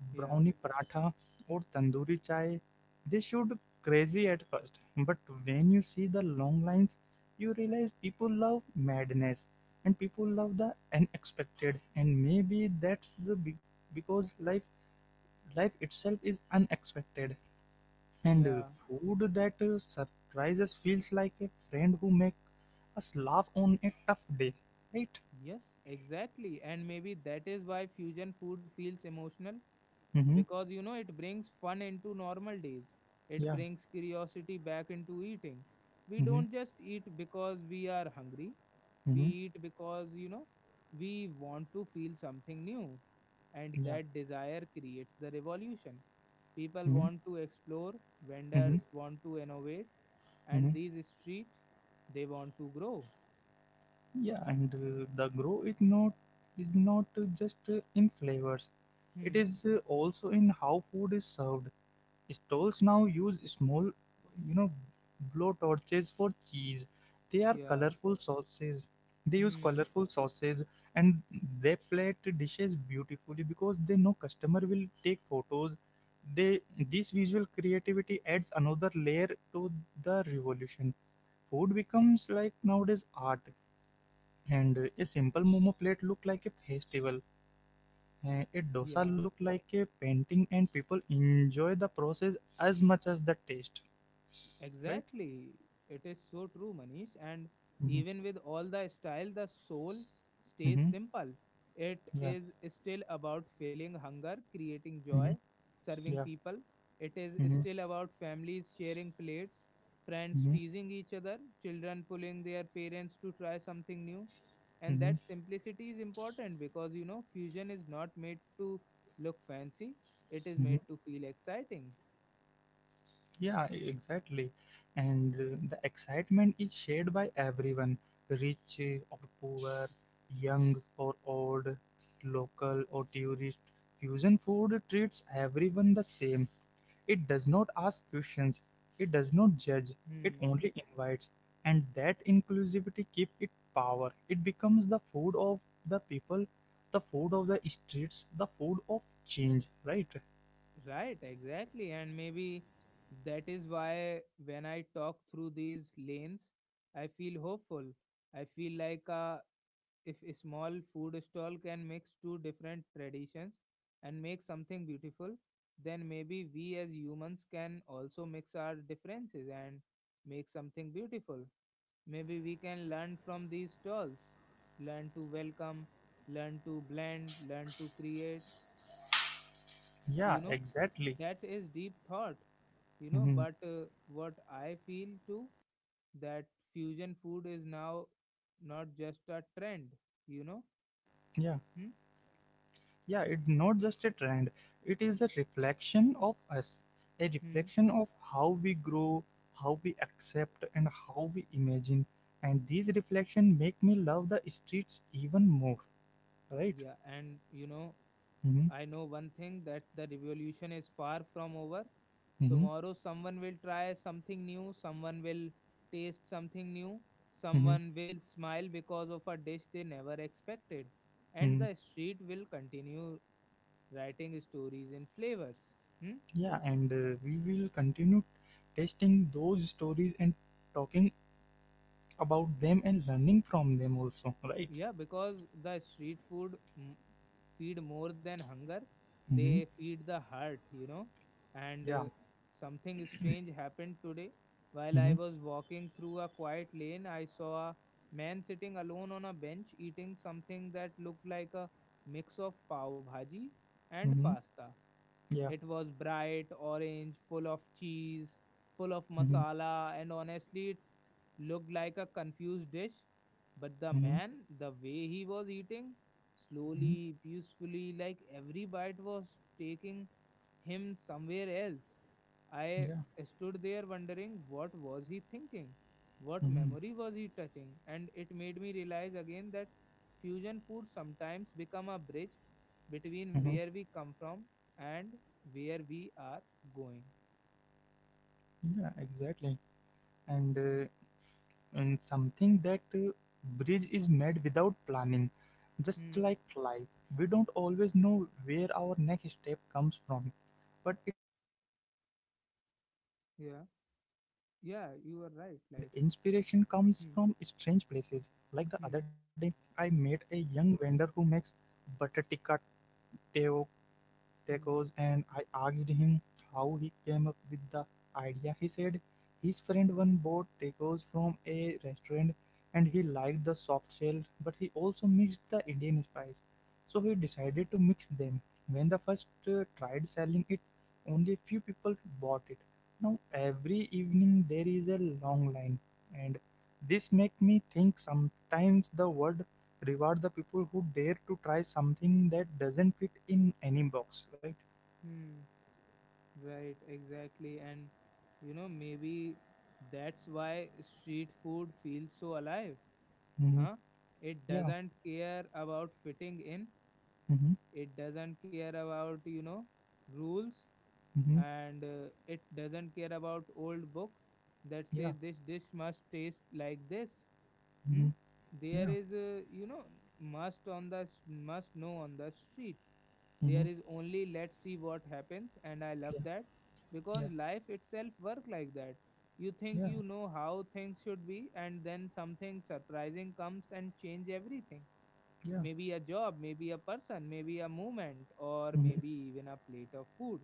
S1: Yeah.
S2: brownie paratha, or tandoori chai. They should crazy at first, but when you see the long lines, you realize people love madness and people love the unexpected, and maybe that's the big, because life life itself is unexpected. And uh,
S1: Yeah.
S2: food that uh, surprises feels like a friend who makes us laugh on a tough day, right?
S1: Yes, exactly. And maybe that is why fusion food feels emotional,
S2: Mm-hmm.
S1: because you know it brings fun into normal days. It
S2: Yeah.
S1: brings curiosity back into eating. We
S2: Mm-hmm.
S1: don't just eat because we are hungry. We
S2: Mm-hmm.
S1: eat because, you know, we want to feel something new. And
S2: Yeah.
S1: that desire creates the revolution. People
S2: Mm-hmm.
S1: want to explore,
S2: Mm-hmm.
S1: vendors want to innovate,
S2: Mm-hmm.
S1: and these street they want to grow.
S2: Yeah. And uh, the grow is not is not uh, just uh, in flavors; it
S1: Hmm.
S2: is uh, also in how food is served. Stalls now use small, you know, blow torches for cheese. They are
S1: Yeah.
S2: colorful sauces. They use
S1: Hmm.
S2: colorful sauces and they plate dishes beautifully because they know customer will take photos. They This visual creativity adds another layer to the revolution. Food becomes like nowadays art, and a simple momo plate look like a festival, uh, a dosa
S1: Yeah,
S2: look like a painting, and people enjoy the process as much as the taste, right?
S1: exactly. It is so true, Manish. And
S2: Mm-hmm.
S1: even with all the style, the soul stays
S2: Mm-hmm.
S1: simple. It
S2: Yeah.
S1: is still about feeling hunger, creating
S2: Mm-hmm.
S1: joy,
S2: Yeah.
S1: serving people. It is
S2: Mm-hmm.
S1: still about families sharing plates, friends
S2: Mm-hmm.
S1: teasing each other, children pulling their parents to try something new. And
S2: Mm-hmm.
S1: that simplicity is important, because, you know, fusion is not made to look fancy, it is made
S2: Mm-hmm.
S1: to feel exciting.
S2: Yeah, e- exactly. And uh, the excitement is shared by everyone, rich or poor, young or old, local or tourist. Fusion food treats everyone the same. It does not ask questions, it does not judge, it
S1: Hmm.
S2: only invites. And that inclusivity keep it power. It becomes the food of the people, the food of the streets, the food of change, right?
S1: Right, exactly. And maybe that is why when I talk through these lanes, I feel hopeful. I feel like, uh, if a small food stall can mix two different traditions and make something beautiful, then maybe we as humans can also mix our differences and make something beautiful. Maybe we can learn from these stalls, learn to welcome, learn to blend, learn to create. You
S2: Yeah,
S1: know,
S2: exactly.
S1: that is deep thought, you know,
S2: Mhm.
S1: but uh, what I feel too, that fusion food is now not just a trend, you know.
S2: Yeah,
S1: Hmm?
S2: yeah, it's not just a trend, it is a reflection of us, a
S1: Hmm.
S2: reflection of how we grow, how we accept, and how we imagine. And these reflections make me love the streets even more, right?
S1: Yeah, and you know
S2: Hmm.
S1: I know one thing, that the revolution is far from over.
S2: Mm-hmm,
S1: Tomorrow someone will try something new, someone will taste something new,
S2: mm-hmm,
S1: someone will smile because of a dish they never expected, and
S2: mm-hmm.
S1: the street will continue writing stories in flavors. Hmm?
S2: Yeah, and uh, we will continue testing those stories and talking about them and learning from them also, right?
S1: Yeah, because the street food, mm, feed more than hunger, they
S2: Mm-hmm.
S1: feed the heart, you know. And uh,
S2: Yeah.
S1: something strange happened today. While I
S2: Mm-hmm.
S1: was walking through a quiet lane, I saw a man sitting alone on a bench eating something that looked like a mix of pav bhaji and
S2: Mm-hmm.
S1: pasta.
S2: Yeah.
S1: It was bright orange, full of cheese, full of
S2: Mm-hmm.
S1: masala, and honestly, it looked like a confused dish, but the
S2: Mm-hmm.
S1: man, the way he was eating,
S2: Mm-hmm.
S1: slowly, peacefully, like every bite was taking him somewhere else. I
S2: Yeah.
S1: stood there wondering what was he thinking? What
S2: Mm-hmm.
S1: memory was he touching? And it made me realize again that fusion food sometimes become a bridge between
S2: Mm-hmm.
S1: where we come from and where we are going.
S2: Yeah. Exactly. And uh, and something that uh, bridge is made without planning, just
S1: Hmm.
S2: like life. We don't always know where our next step comes from, but it comes, and uh, with food
S1: Yeah.
S2: also, and
S1: Yeah, you
S2: inspiration
S1: are right.
S2: comes
S1: Like,
S2: from strange
S1: hmm,
S2: places like the other day.
S1: hmm,
S2: I met a young vendor who makes butter tikka teo
S1: hmm.
S2: tacos, and I asked him how he came up with the idea. He said his friend one bought tacos from a restaurant and he liked the soft shell, but he also mixed the Indian spice. So he decided to mix them. When the first uh, tried selling it, only a few people bought it. Now every evening there is a long line, and this make me think sometimes the world reward the people who dare to try something that doesn't fit in any box, right?
S1: Hmm, right, exactly. And you know, maybe that's why street food feels so alive,
S2: Mm-hmm.
S1: huh? It
S2: Yeah.
S1: doesn't care about fitting in,
S2: Mm-hmm.
S1: it doesn't care about, you know, rules,
S2: Mm-hmm.
S1: and uh, it doesn't care about old book that say
S2: Yeah.
S1: this dish must taste like this. Hmm?
S2: Mm-hmm.
S1: There
S2: Yeah.
S1: is, uh, you know, must on the s- must know on the street. There
S2: Mm-hmm.
S1: is only let's see what happens, and I love
S2: Yeah.
S1: that
S2: Yeah.
S1: because life itself work like that. You think
S2: Yeah.
S1: you know how things should be, and then something surprising comes and change everything.
S2: Yeah.
S1: Maybe a job, maybe a person, maybe a movement, or maybe even a plate of food.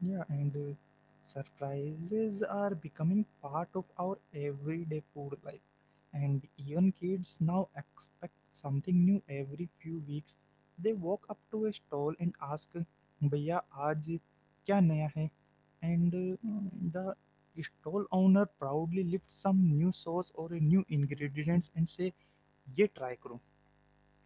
S2: Yeah, and uh, surprises are becoming part of our everyday food life. And even kids now expect something new every few weeks. They walk up to a stall and ask, "भैया आज क्या नया है?" And uh, the stall owner proudly lifts some new sauce or a new
S1: Hmm?
S2: ingredients and say, "ये try करो."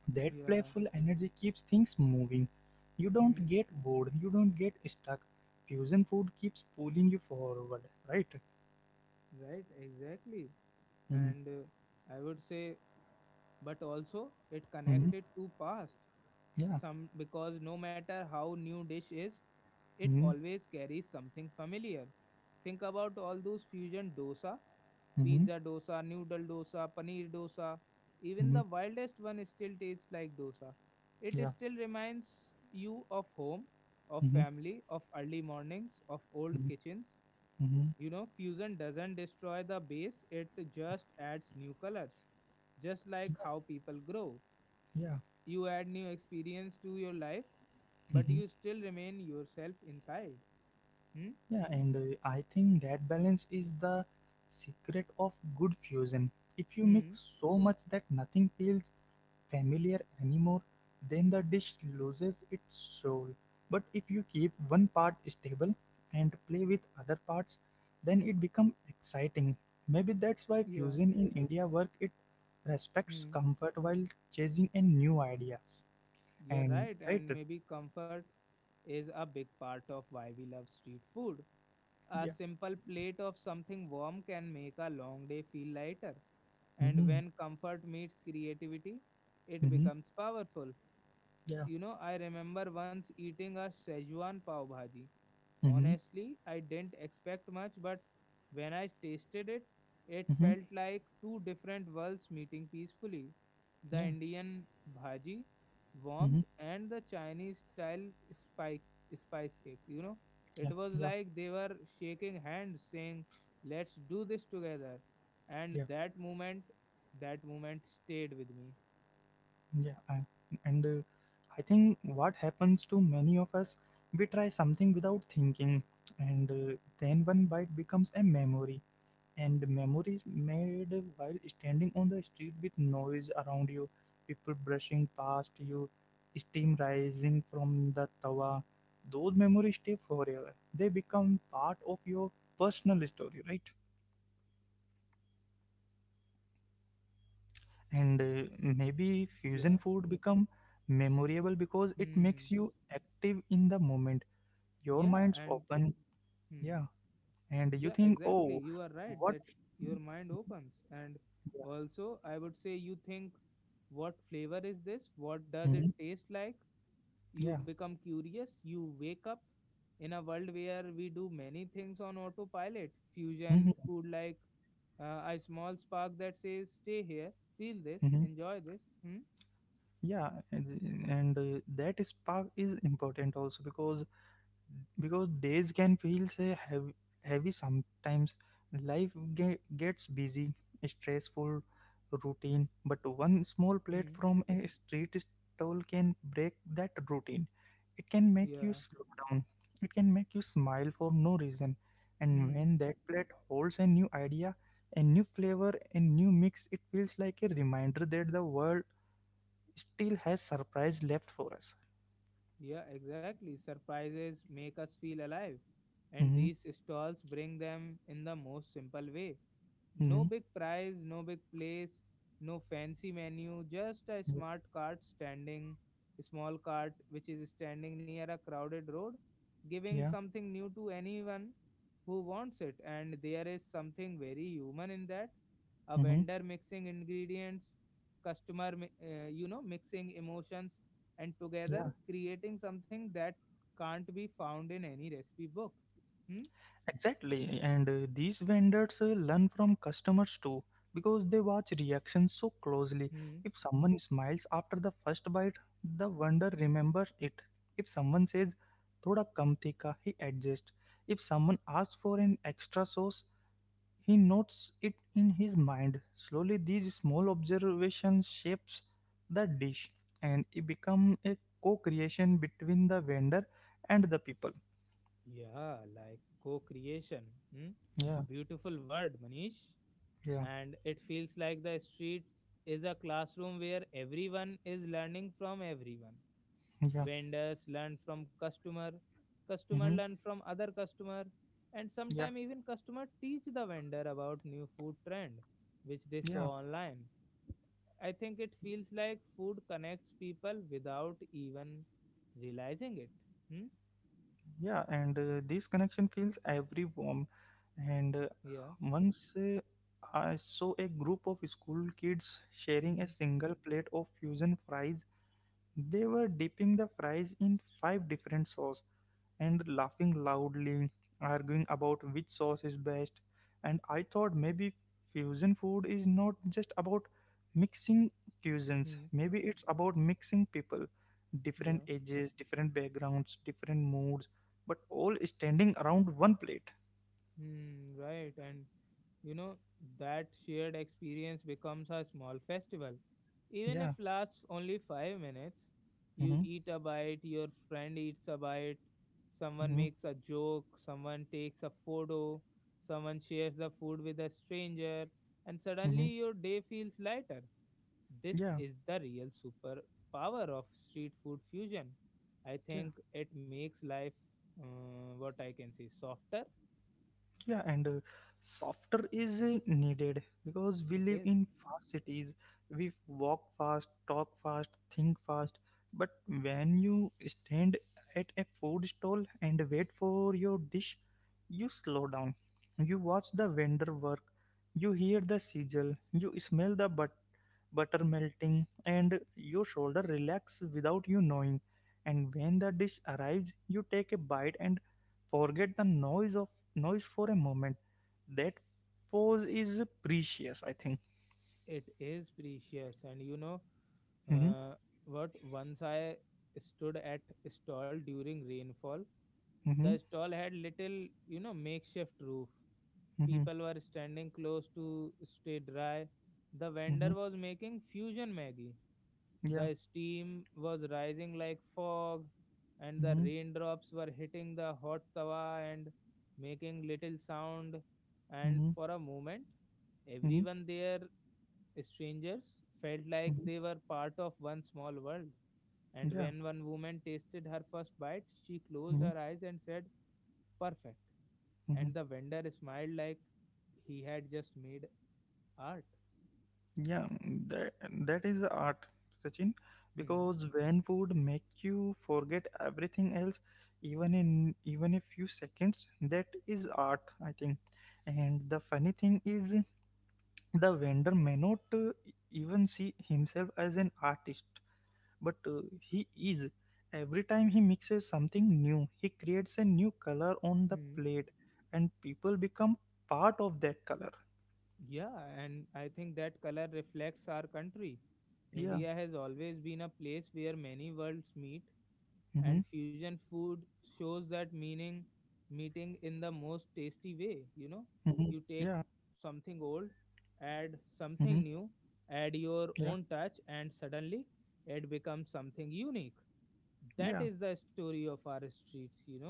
S2: That
S1: Yeah.
S2: playful energy keeps things moving. You don't
S1: Hmm.
S2: get bored, you don't get stuck. Fusion food keeps pulling you forward, right?
S1: Right. Exactly.
S2: Mm-hmm.
S1: And uh, I would say but also it
S2: Mm-hmm.
S1: connected to past
S2: Yeah.
S1: some because no matter how new dish is, it
S2: Mm-hmm.
S1: always carries something familiar. Think about all those fusion dosa,
S2: Mm-hmm.
S1: pizza dosa, noodle dosa, paneer dosa. Even
S2: Mm-hmm.
S1: the wildest one still tastes like dosa. It
S2: Yeah.
S1: still reminds you of home, of
S2: Mm-hmm.
S1: family, of early mornings, of old
S2: Mm-hmm.
S1: kitchens.
S2: Mm-hmm.
S1: You know, fusion doesn't destroy the base, it just adds new colors, just like
S2: Yeah.
S1: how people grow.
S2: Yeah.
S1: You add new experience to your life, but
S2: Mm-hmm.
S1: you still remain yourself inside. Hmm.
S2: Yeah. And uh, I think that balance is the secret of good fusion. If you
S1: Hmm.
S2: mix so much that nothing feels familiar anymore, then the dish loses its soul. But if you keep one part stable and play with other parts, then it becomes exciting. Maybe that's why
S1: Yeah.
S2: fusion in India work it respects
S1: Hmm.
S2: comfort while chasing in new ideas.
S1: You're
S2: And
S1: right,
S2: right,
S1: and maybe comfort is a big part of why we love street food. A
S2: yeah,
S1: simple plate of something warm can make a long day feel lighter, and
S2: mm-hmm,
S1: when comfort meets creativity it
S2: mm-hmm,
S1: becomes powerful.
S2: yeah,
S1: You know, I remember once eating a Szechuan pav bhaji.
S2: mm-hmm,
S1: Honestly, I didn't expect much, but when I tasted it, it
S2: mm-hmm,
S1: felt like two different worlds meeting peacefully. The
S2: yeah,
S1: Indian bhaji,
S2: mm-hmm,
S1: warmth, and the Chinese style spike, spice cake. You know,
S2: yeah,
S1: it was
S2: yeah,
S1: like they were shaking hands, saying, Let's do this together. And
S2: yeah.
S1: that moment, that moment stayed with me.
S2: Yeah, and, and uh, I think what happens to many of us, we try something without thinking, and uh, then one bite becomes a memory, and memories made while standing on the street with noise around you, people brushing past you, steam rising from the tawa. Those memories stay forever. They become part of your personal story, right? And uh, maybe fusion
S1: Yeah.
S2: food become memorable because it makes
S1: Hmm.
S2: you active in the moment, your
S1: Yeah.
S2: mind's
S1: And
S2: open.
S1: hmm.
S2: Yeah, and you
S1: Yeah,
S2: think,
S1: exactly,
S2: oh,
S1: you are right
S2: what.
S1: that your mind opens, and also I would say you think what flavor is this, what does it
S2: Mhm.
S1: taste like? You
S2: Yeah.
S1: become curious, you wake up. In a world where we do many things on autopilot, fusion
S2: Mhm.
S1: food like uh, a small spark that says stay here, feel this,
S2: Mhm.
S1: enjoy this. Hmm?
S2: Yeah, and, and uh, that spark is important also, because because days can feel say heavy, heavy sometimes. Life ge- gets busy, stressful, routine, but one small plate
S1: Hmm.
S2: from a street stall can break that routine. It can make you
S1: Yeah.
S2: slow down, it can make you smile for no reason, and
S1: Hmm.
S2: when that plate holds a new idea, a new flavor, a new mix, it feels like a reminder that the world still has surprise left for us.
S1: Yeah, exactly, surprises make us feel alive, and
S2: Mm-hmm,
S1: these stalls bring them in the most simple way. No
S2: mm-hmm,
S1: big prize, no big place, no fancy menu, just a
S2: yeah,
S1: smart cart standing, a small cart which is standing near a crowded road, giving
S2: yeah,
S1: something new to anyone who wants it. And there is something very human in that. A
S2: mm-hmm,
S1: vendor mixing ingredients, customer, mi- uh, you know, mixing emotions, and together
S2: yeah.
S1: creating something that can't be found in any recipe book. Hmm?
S2: Exactly, and uh, these vendors uh, learn from customers too because they watch reactions so closely.
S1: Hmm.
S2: If someone smiles after the first bite, the vendor remembers it. If someone says "thoda kam tika," he adjusts. If someone asks for an extra sauce, he notes it in his mind. Slowly, these small observations shapes the dish, and it becomes a co-creation between the vendor and the people.
S1: Yeah, like co creation. Hmm? A
S2: Yeah,
S1: beautiful word, Manish.
S2: yeah,
S1: And it feels like the street is a classroom where everyone is learning from everyone.
S2: yeah.
S1: Vendors learn from customer, customer
S2: Mm-hmm.
S1: learn from other customer, and
S2: Yeah.
S1: sometimes even customer teach the vendor about new food trend which they
S2: Yeah,
S1: saw online. I think it feels like food connects people without even realizing it. Hmm?
S2: yeah, and uh, this connection feels every warm. And uh,
S1: Yeah.
S2: once uh, I saw a group of school kids sharing a
S1: Hmm.
S2: single plate of fusion fries. They were dipping the fries in five different sauce, and laughing loudly, arguing about which sauce is best. And I thought maybe fusion food is not just about mixing cuisines,
S1: Hmm.
S2: maybe it's about mixing people, different
S1: Yeah.
S2: ages, different backgrounds, different moods, but all standing around one plate.
S1: Hmm, right. And you know, that shared experience becomes a small festival. Even if
S2: Yeah.
S1: lasts only five minutes, you
S2: Mm-hmm.
S1: eat a bite, your friend eats a bite, someone
S2: Mm-hmm.
S1: makes a joke, someone takes a photo, someone shares the food with a stranger, and suddenly
S2: Mm-hmm.
S1: your day feels lighter. This
S2: Yeah.
S1: is the real superpower of street food fusion. I
S2: Yeah.
S1: think it makes life, uh, what I can say, softer.
S2: Yeah, and uh, software is uh, needed because we
S1: It
S2: live
S1: is.
S2: in fast cities. We walk fast, talk fast, think fast. But when you stand at a food stall and wait for your dish, you slow down. You watch the vendor work. You hear the sizzle. You smell the butter butter melting, and your shoulder relax without you knowing. And when the dish arrives, you take a bite and forget the noise of noise for a moment. That pause is precious, I think.
S1: It is precious, and you know
S2: Mm-hmm,
S1: uh, what? Once I stood at stall during rainfall.
S2: mm-hmm,
S1: The stall had little, you know, makeshift roof.
S2: mm-hmm,
S1: People were standing close to stay dry. The
S2: mm-hmm,
S1: vendor was making fusion Maggie.
S2: yeah,
S1: The steam was rising like fog, and the
S2: mm-hmm,
S1: raindrops were hitting the hot tawa and making little sound. And
S2: mm-hmm,
S1: for a moment,
S2: mm-hmm,
S1: everyone there, strangers, felt like
S2: mm-hmm,
S1: they were part of one small world. And
S2: yeah.
S1: when one woman tasted her first bite, she closed
S2: Mm-hmm,
S1: her eyes and said, perfect.
S2: mm-hmm.
S1: And the vendor smiled like he had just made art.
S2: Yeah, that, that is art, Sachin,
S1: Hmm.
S2: because when food make you forget everything else, even in even a few seconds, that is art, I think. And the funny thing is, the vendor may not uh, even see himself as an artist, but uh, he is. Every time he mixes something new, he creates a new color on the
S1: Hmm.
S2: plate, and people become part of that color.
S1: Yeah, and I think that color reflects our country.
S2: Yeah.
S1: India has always been a place where many worlds meet,
S2: Mm-hmm.
S1: and fusion food shows that meaning meeting in the most tasty way. You know,
S2: Mm-hmm.
S1: you take
S2: Yeah.
S1: something old, add
S2: Mm-hmm.
S1: something new, add your
S2: Yeah.
S1: own touch, and suddenly it becomes something unique. That
S2: Yeah.
S1: is the story of our streets, you know.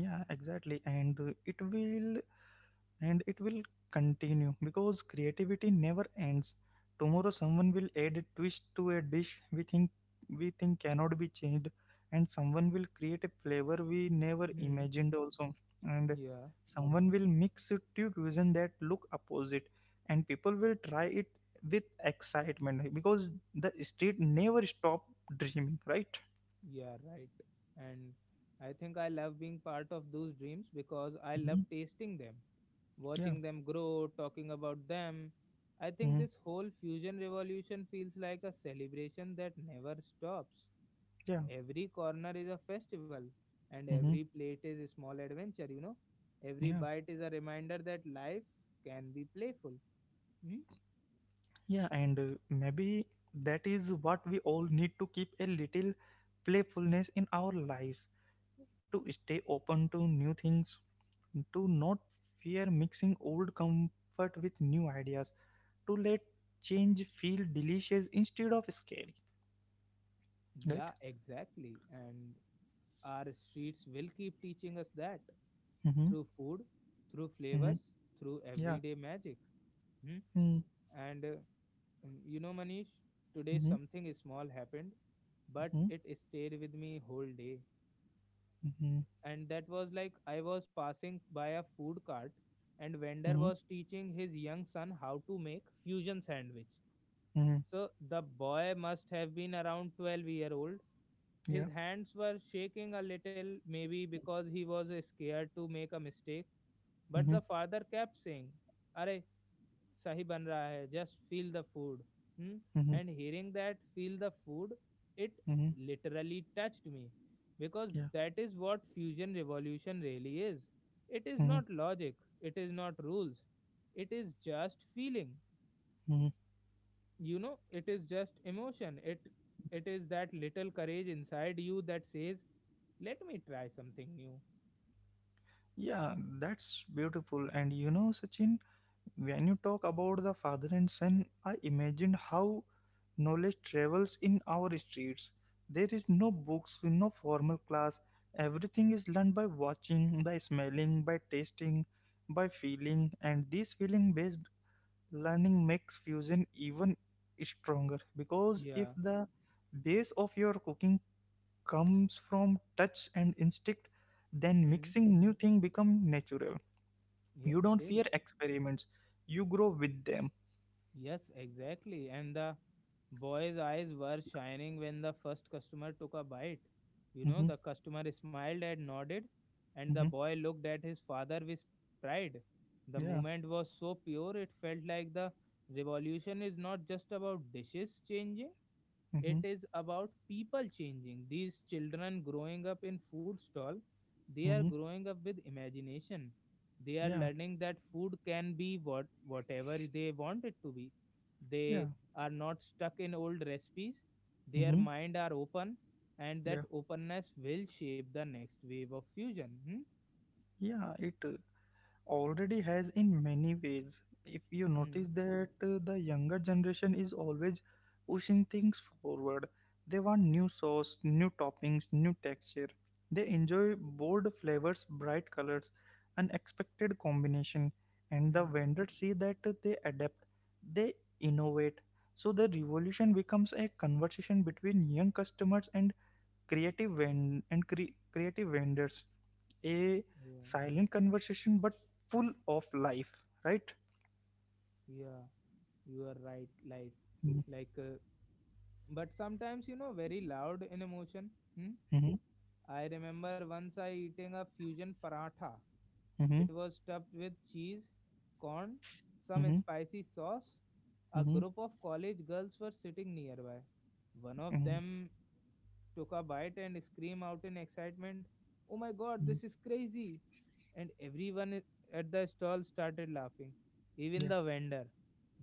S2: Yeah, exactly, and uh, it will and it will continue because creativity never ends. Tomorrow someone will add a twist to a dish we think we think cannot be changed, and someone will create a flavor we never
S1: Hmm.
S2: imagined also, and
S1: Yeah.
S2: someone will mix two cuisine that look opposite, and people will try it with excitement because the street never stop dreaming, right?
S1: Yeah, right, and I think I love being part of those dreams because I love
S2: Mhm.
S1: tasting them,
S2: Yeah.
S1: watching them grow, talking about them. I think
S2: Hmm.
S1: this whole fusion revolution feels like a celebration that never stops.
S2: Yeah.
S1: Every corner is a festival, and
S2: Hmm.
S1: every plate is a small adventure, you know. Every
S2: Yeah.
S1: bite is a reminder that life can be playful. Hmm?
S2: Yeah, and uh, maybe that is what we all need, to keep a little playfulness in our lives, to stay open to new things, to not fear mixing old comfort with new ideas, to let change feel delicious instead of scary.
S1: Yeah,
S2: Right?
S1: exactly. And Our streets will keep teaching us that
S2: Mm-hmm.
S1: through food, through
S2: Mm-hmm.
S1: flavors, through
S2: Yeah.
S1: everyday magic. Hmm?
S2: Mm-hmm.
S1: And uh, mm, you know, Manish, today
S2: Mm-hmm.
S1: something small happened, but
S2: Mm-hmm.
S1: it stayed with me whole day. And that was like I was passing by a food cart, and
S2: Mm-hmm. Mm-hmm.
S1: vendor was teaching his young son how to make fusion sandwich.
S2: Mm-hmm.
S1: So the boy must have been around twelve year old.
S2: Yeah.
S1: His hands were shaking a little, maybe because he was uh, scared to make a mistake. But
S2: Mm-hmm.
S1: the father kept saying, Are sahi ban raha hai, just feel the food. Hmm?
S2: Mm-hmm.
S1: And hearing that, feel the food, it
S2: Mm-hmm.
S1: literally touched me because
S2: Yeah.
S1: that is what fusion revolution really is. It is not logic, it is not rules, it is just feeling.
S2: Mm-hmm.
S1: You know, it is just emotion. It it is that little courage inside you that says, Let me try something new.
S2: Yeah, that's beautiful. And you know, Sachin, when you talk about the father and son, I imagined how knowledge travels in our streets. There is no books, no formal class. Everything is learned by watching, by smelling, by tasting, by feeling, and this feeling based learning makes fusion even stronger because if
S1: Yeah.
S2: the base of your cooking comes from touch and instinct, then
S1: Hmm.
S2: mixing new thing become natural.
S1: Yeah,
S2: You
S1: it
S2: don't
S1: is.
S2: fear experiments, you grow with them.
S1: Yes, exactly. And the boy's eyes were shining when the first customer took a bite. You know,
S2: Mm-hmm.
S1: the customer smiled and nodded, and the
S2: Mm-hmm.
S1: boy looked at his father with pride. The
S2: Yeah.
S1: moment was so pure, it felt like the revolution is not just about dishes changing,
S2: Mm-hmm.
S1: it is about people changing. These children growing up in food stall, they are
S2: Mm-hmm.
S1: growing up with imagination, they are
S2: Yeah.
S1: learning that food can be what whatever they want it to be.
S2: Yeah.
S1: They are not stuck in old recipes, their
S2: Mm-hmm.
S1: mind are open, and that
S2: Yeah.
S1: openness will shape the next wave of fusion. Hmm?
S2: Yeah. It uh, already has in many ways. If you notice
S1: Hmm.
S2: that uh, the younger generation is always pushing things forward, they want new sauce, new toppings, new texture. They enjoy bold flavors, bright colors, unexpected combination, and the
S1: Hmm.
S2: vendors see that uh, they adapt, they innovate. So the revolution becomes a conversation between young customers and creative ven- and cre- creative vendors, a
S1: Yeah.
S2: silent conversation but full of life, right?
S1: Yeah, you are right. like
S2: Mm-hmm,
S1: like uh, but sometimes you know very loud in emotion. Hmm?
S2: mm-hmm,
S1: I remember once I eating a fusion paratha. It was stuffed with cheese, corn, some
S2: mm-hmm,
S1: spicy sauce. A
S2: mm-hmm,
S1: group of college girls were sitting nearby. One of
S2: mm-hmm.
S1: them took a bite and screamed out in excitement, Oh my god, this is crazy! And everyone at the stall started laughing, even
S2: Yeah.
S1: the vendor.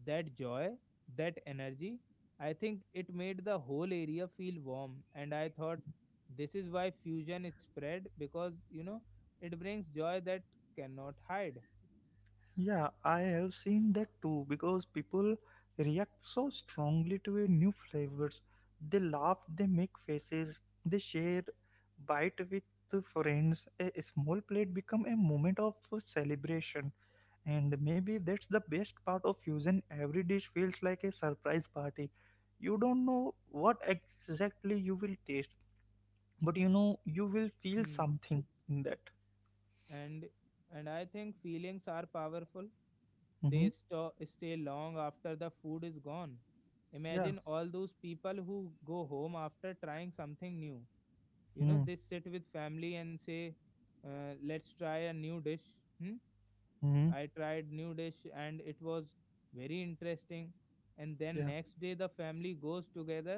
S1: That joy, that energy, I think it made the whole area feel warm. And I thought this is why fusion is spread because you know it brings joy that cannot hide.
S2: Yeah, I have seen that too because people react so strongly to a new flavors. They laugh, they make faces, they share bite with friends. A small plate become a moment of celebration. And maybe that's the best part of fusion. Every dish feels like a surprise party. You don't know what exactly you will taste, but you know you will feel
S1: Hmm.
S2: something in that.
S1: And and I think feelings are powerful.
S2: Mm-hmm.
S1: They sto- stay long after the food is gone.
S2: Yeah.
S1: Imagine all those people who go home after trying something new. You know,
S2: Mm-hmm.
S1: they sit with family and say, uh, let's try a new dish. Hmm?
S2: Mm-hmm.
S1: I tried new dish and it was very interesting, and then
S2: Yeah.
S1: next day the family goes together.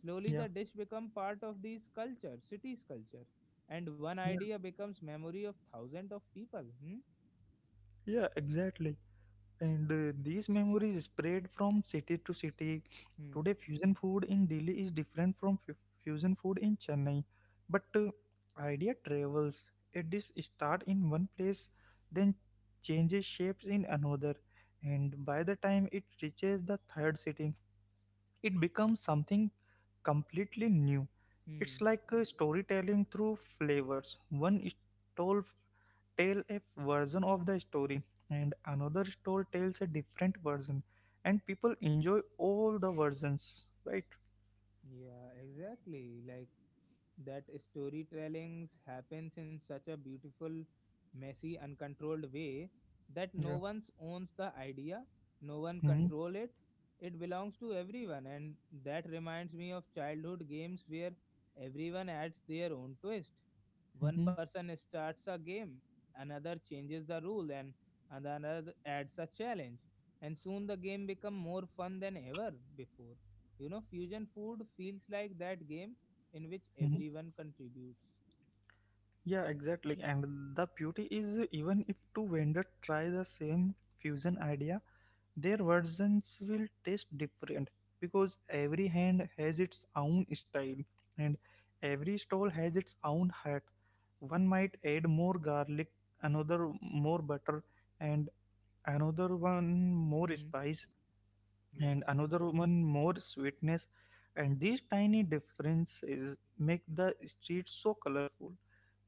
S1: Slowly
S2: Yeah.
S1: the dish become part of these culture, city's culture, and one
S2: Yeah.
S1: idea becomes memory of thousands of people. Hmm?
S2: Yeah. Exactly. And uh, these memories spread from city to city.
S1: Hmm.
S2: Today, fusion food in Delhi is different from fu- fusion food in Chennai. But uh, idea travels. It is start in one place, then changes shapes in another, and by the time it reaches the third city, it becomes something completely new. It's
S1: Hmm.
S2: like a storytelling through flavors. One stall tell a version of the story, and another store tells a different version, and people enjoy all the versions, right?
S1: Yeah, exactly. Like that storytellings happens in such a beautiful, messy, uncontrolled way that no
S2: Yeah.
S1: one owns the idea, no one
S2: Hmm.
S1: control it. It belongs to everyone, and that reminds me of childhood games where everyone adds their own twist. One
S2: Hmm.
S1: person starts a game, another changes the rule, and another adds a challenge, and soon the game become more fun than ever before. You know, fusion food feels like that game in which
S2: Hmm.
S1: everyone contributes.
S2: Yeah, exactly, and the beauty is uh, even if two vendors try the same fusion idea, their versions will taste different because every hand has its own style, and every stall has its own hat. One might add more garlic, another more butter, and another one more
S1: Hmm.
S2: spice, and
S1: Yeah.
S2: another one more sweetness, and these tiny differences make the street so colorful.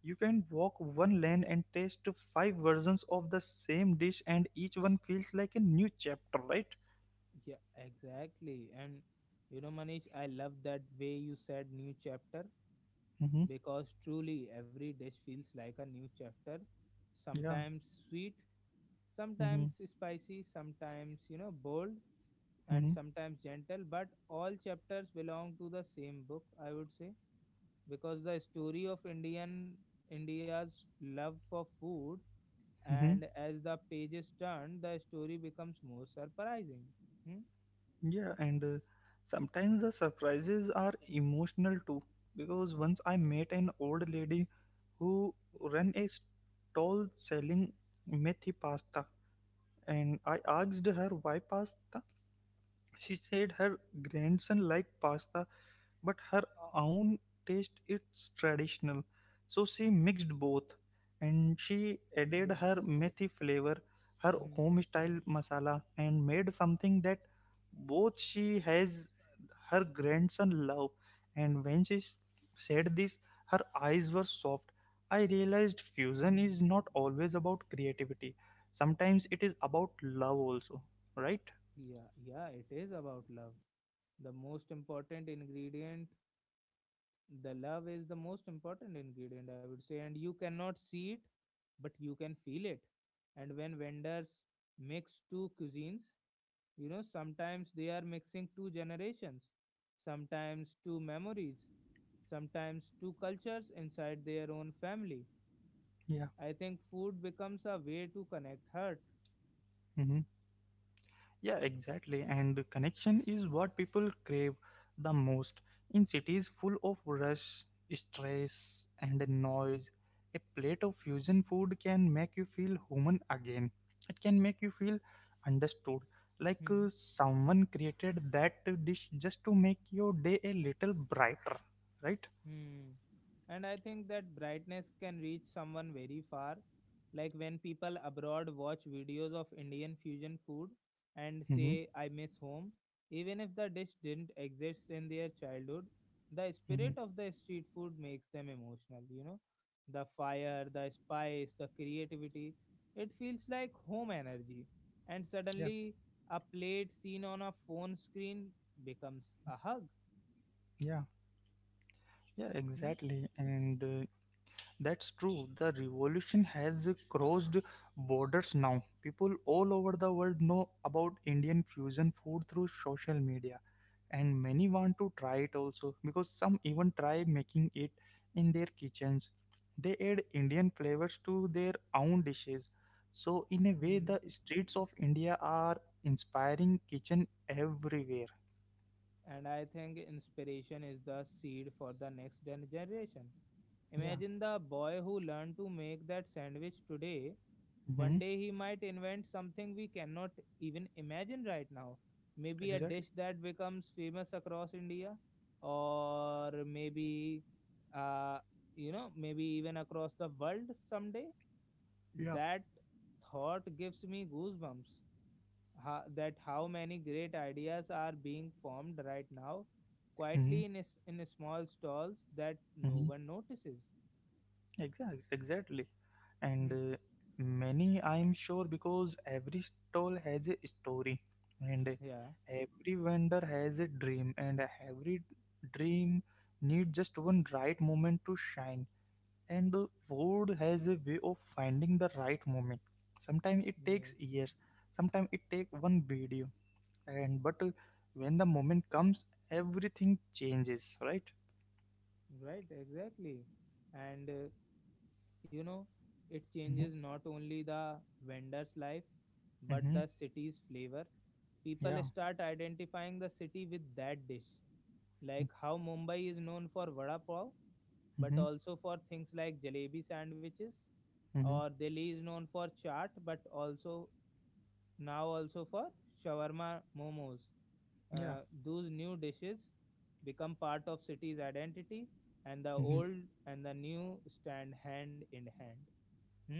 S2: You can walk one lane and taste five versions of the same dish and each one feels like a new chapter, right?
S1: Yeah, exactly. And you know, Manish, I love that way you said new chapter
S2: Mm-hmm.
S1: because truly every dish feels like a new chapter.
S2: Yeah.
S1: Sometimes sweet,
S2: Mm-hmm.
S1: sometimes spicy, sometimes, you know, bold, and
S2: Mm-hmm.
S1: sometimes gentle. But all chapters belong to the same book, I would say, because the story of Indian India's love for food,
S2: Mm-hmm.
S1: and as the pages turn, the story becomes more surprising. Hmm?
S2: Yeah, and uh, sometimes the surprises are emotional too, because once I met an old lady who ran a stall selling methi pasta, and I asked her why pasta. She said her grandson liked pasta but her own taste it's traditional, so she mixed both, and she added
S1: Yeah.
S2: her methi flavor, her
S1: Hmm.
S2: home style masala, and made something that both she has her grandson love. And when she s- said this, her eyes were soft. I realized fusion
S1: Hmm.
S2: is not always about creativity, sometimes it is about love also, right?
S1: Yeah. Yeah. It is about love. The most important ingredient, the love is the most important ingredient, I would say. And you cannot see it, but you can feel it. And when vendors mix two cuisines, you know, sometimes they are mixing two generations, sometimes two memories, sometimes two cultures inside their own family.
S2: Yeah.
S1: I think food becomes a way to connect hurt.
S2: Mhm. Yeah, exactly. And connection is what people crave the most. In cities full of rush, stress, and noise, a plate of fusion food can make you feel human again. It can make you feel understood. Like uh,
S1: Hmm.
S2: someone created that dish just to make your day a little brighter, right?
S1: Hmm. And I think that brightness can reach someone very far. Like when people abroad watch videos of Indian fusion food and
S2: Mm-hmm.
S1: say, I miss home, even if the dish didn't exist in their childhood, the
S2: Mm-hmm.
S1: spirit of the street food makes them emotional. You know, the fire, the spice, the creativity, it feels like home energy. And
S2: Yeah,
S1: suddenly, a plate seen on a phone screen becomes a hug.
S2: yeah, yeah,
S1: Hmm?
S2: exactly. And uh, That's true. The revolution has crossed borders now. People all over the world know about Indian fusion food through social media, and many want to try it also, because some even try making it in their kitchens. They add Indian flavors to their own dishes. So, in a way,
S1: Hmm.
S2: the streets of India are inspiring kitchen everywhere.
S1: And I think inspiration is the seed for the next gen- generation.
S2: Yeah.
S1: Imagine the boy who learned to make that sandwich today. One
S2: Hmm.
S1: day he might invent something we cannot even imagine right now. Maybe a
S2: Exactly.
S1: dish that becomes famous across India, or maybe, uh, you know, maybe even across the world someday.
S2: Yeah.
S1: That thought gives me goosebumps, how, that how many great ideas are being formed right now
S2: Hmm.
S1: quietly in s- in small stalls that no one notices.
S2: Exactly, exactly. And
S1: Hmm.
S2: uh, many, I'm sure, because every stall has a story, and uh,
S1: Yeah.
S2: every vendor has a dream, and every dream needs just one right moment to shine. And uh, food has a way of finding the right moment. Sometimes it
S1: Yeah,
S2: takes years, sometimes it takes one video, and but uh, when the moment comes, everything changes, right?
S1: right, exactly. And uh, you know, it changes
S2: Mm-hmm.
S1: not only the vendor's life but
S2: Mm-hmm.
S1: the city's flavor. People
S2: Yeah.
S1: start identifying the city with that dish,
S2: Mm-hmm.
S1: like how mumbai is known for vada pav but
S2: Mm-hmm.
S1: also for things like jalebi sandwiches,
S2: Mm-hmm.
S1: or Delhi is known for chaat but also now also for shawarma, momos,
S2: Yeah.
S1: uh, those new dishes become part of city's identity, and the old and the new stand hand in hand. Hmm?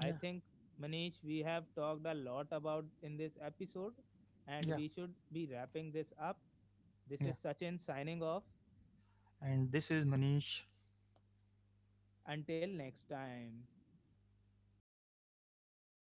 S1: I think Manish we have talked a lot about in this episode and
S2: yeah,
S1: we should be wrapping this up. This
S2: yeah.
S1: is sachin signing off.
S2: And this is Manish.
S1: Until next time.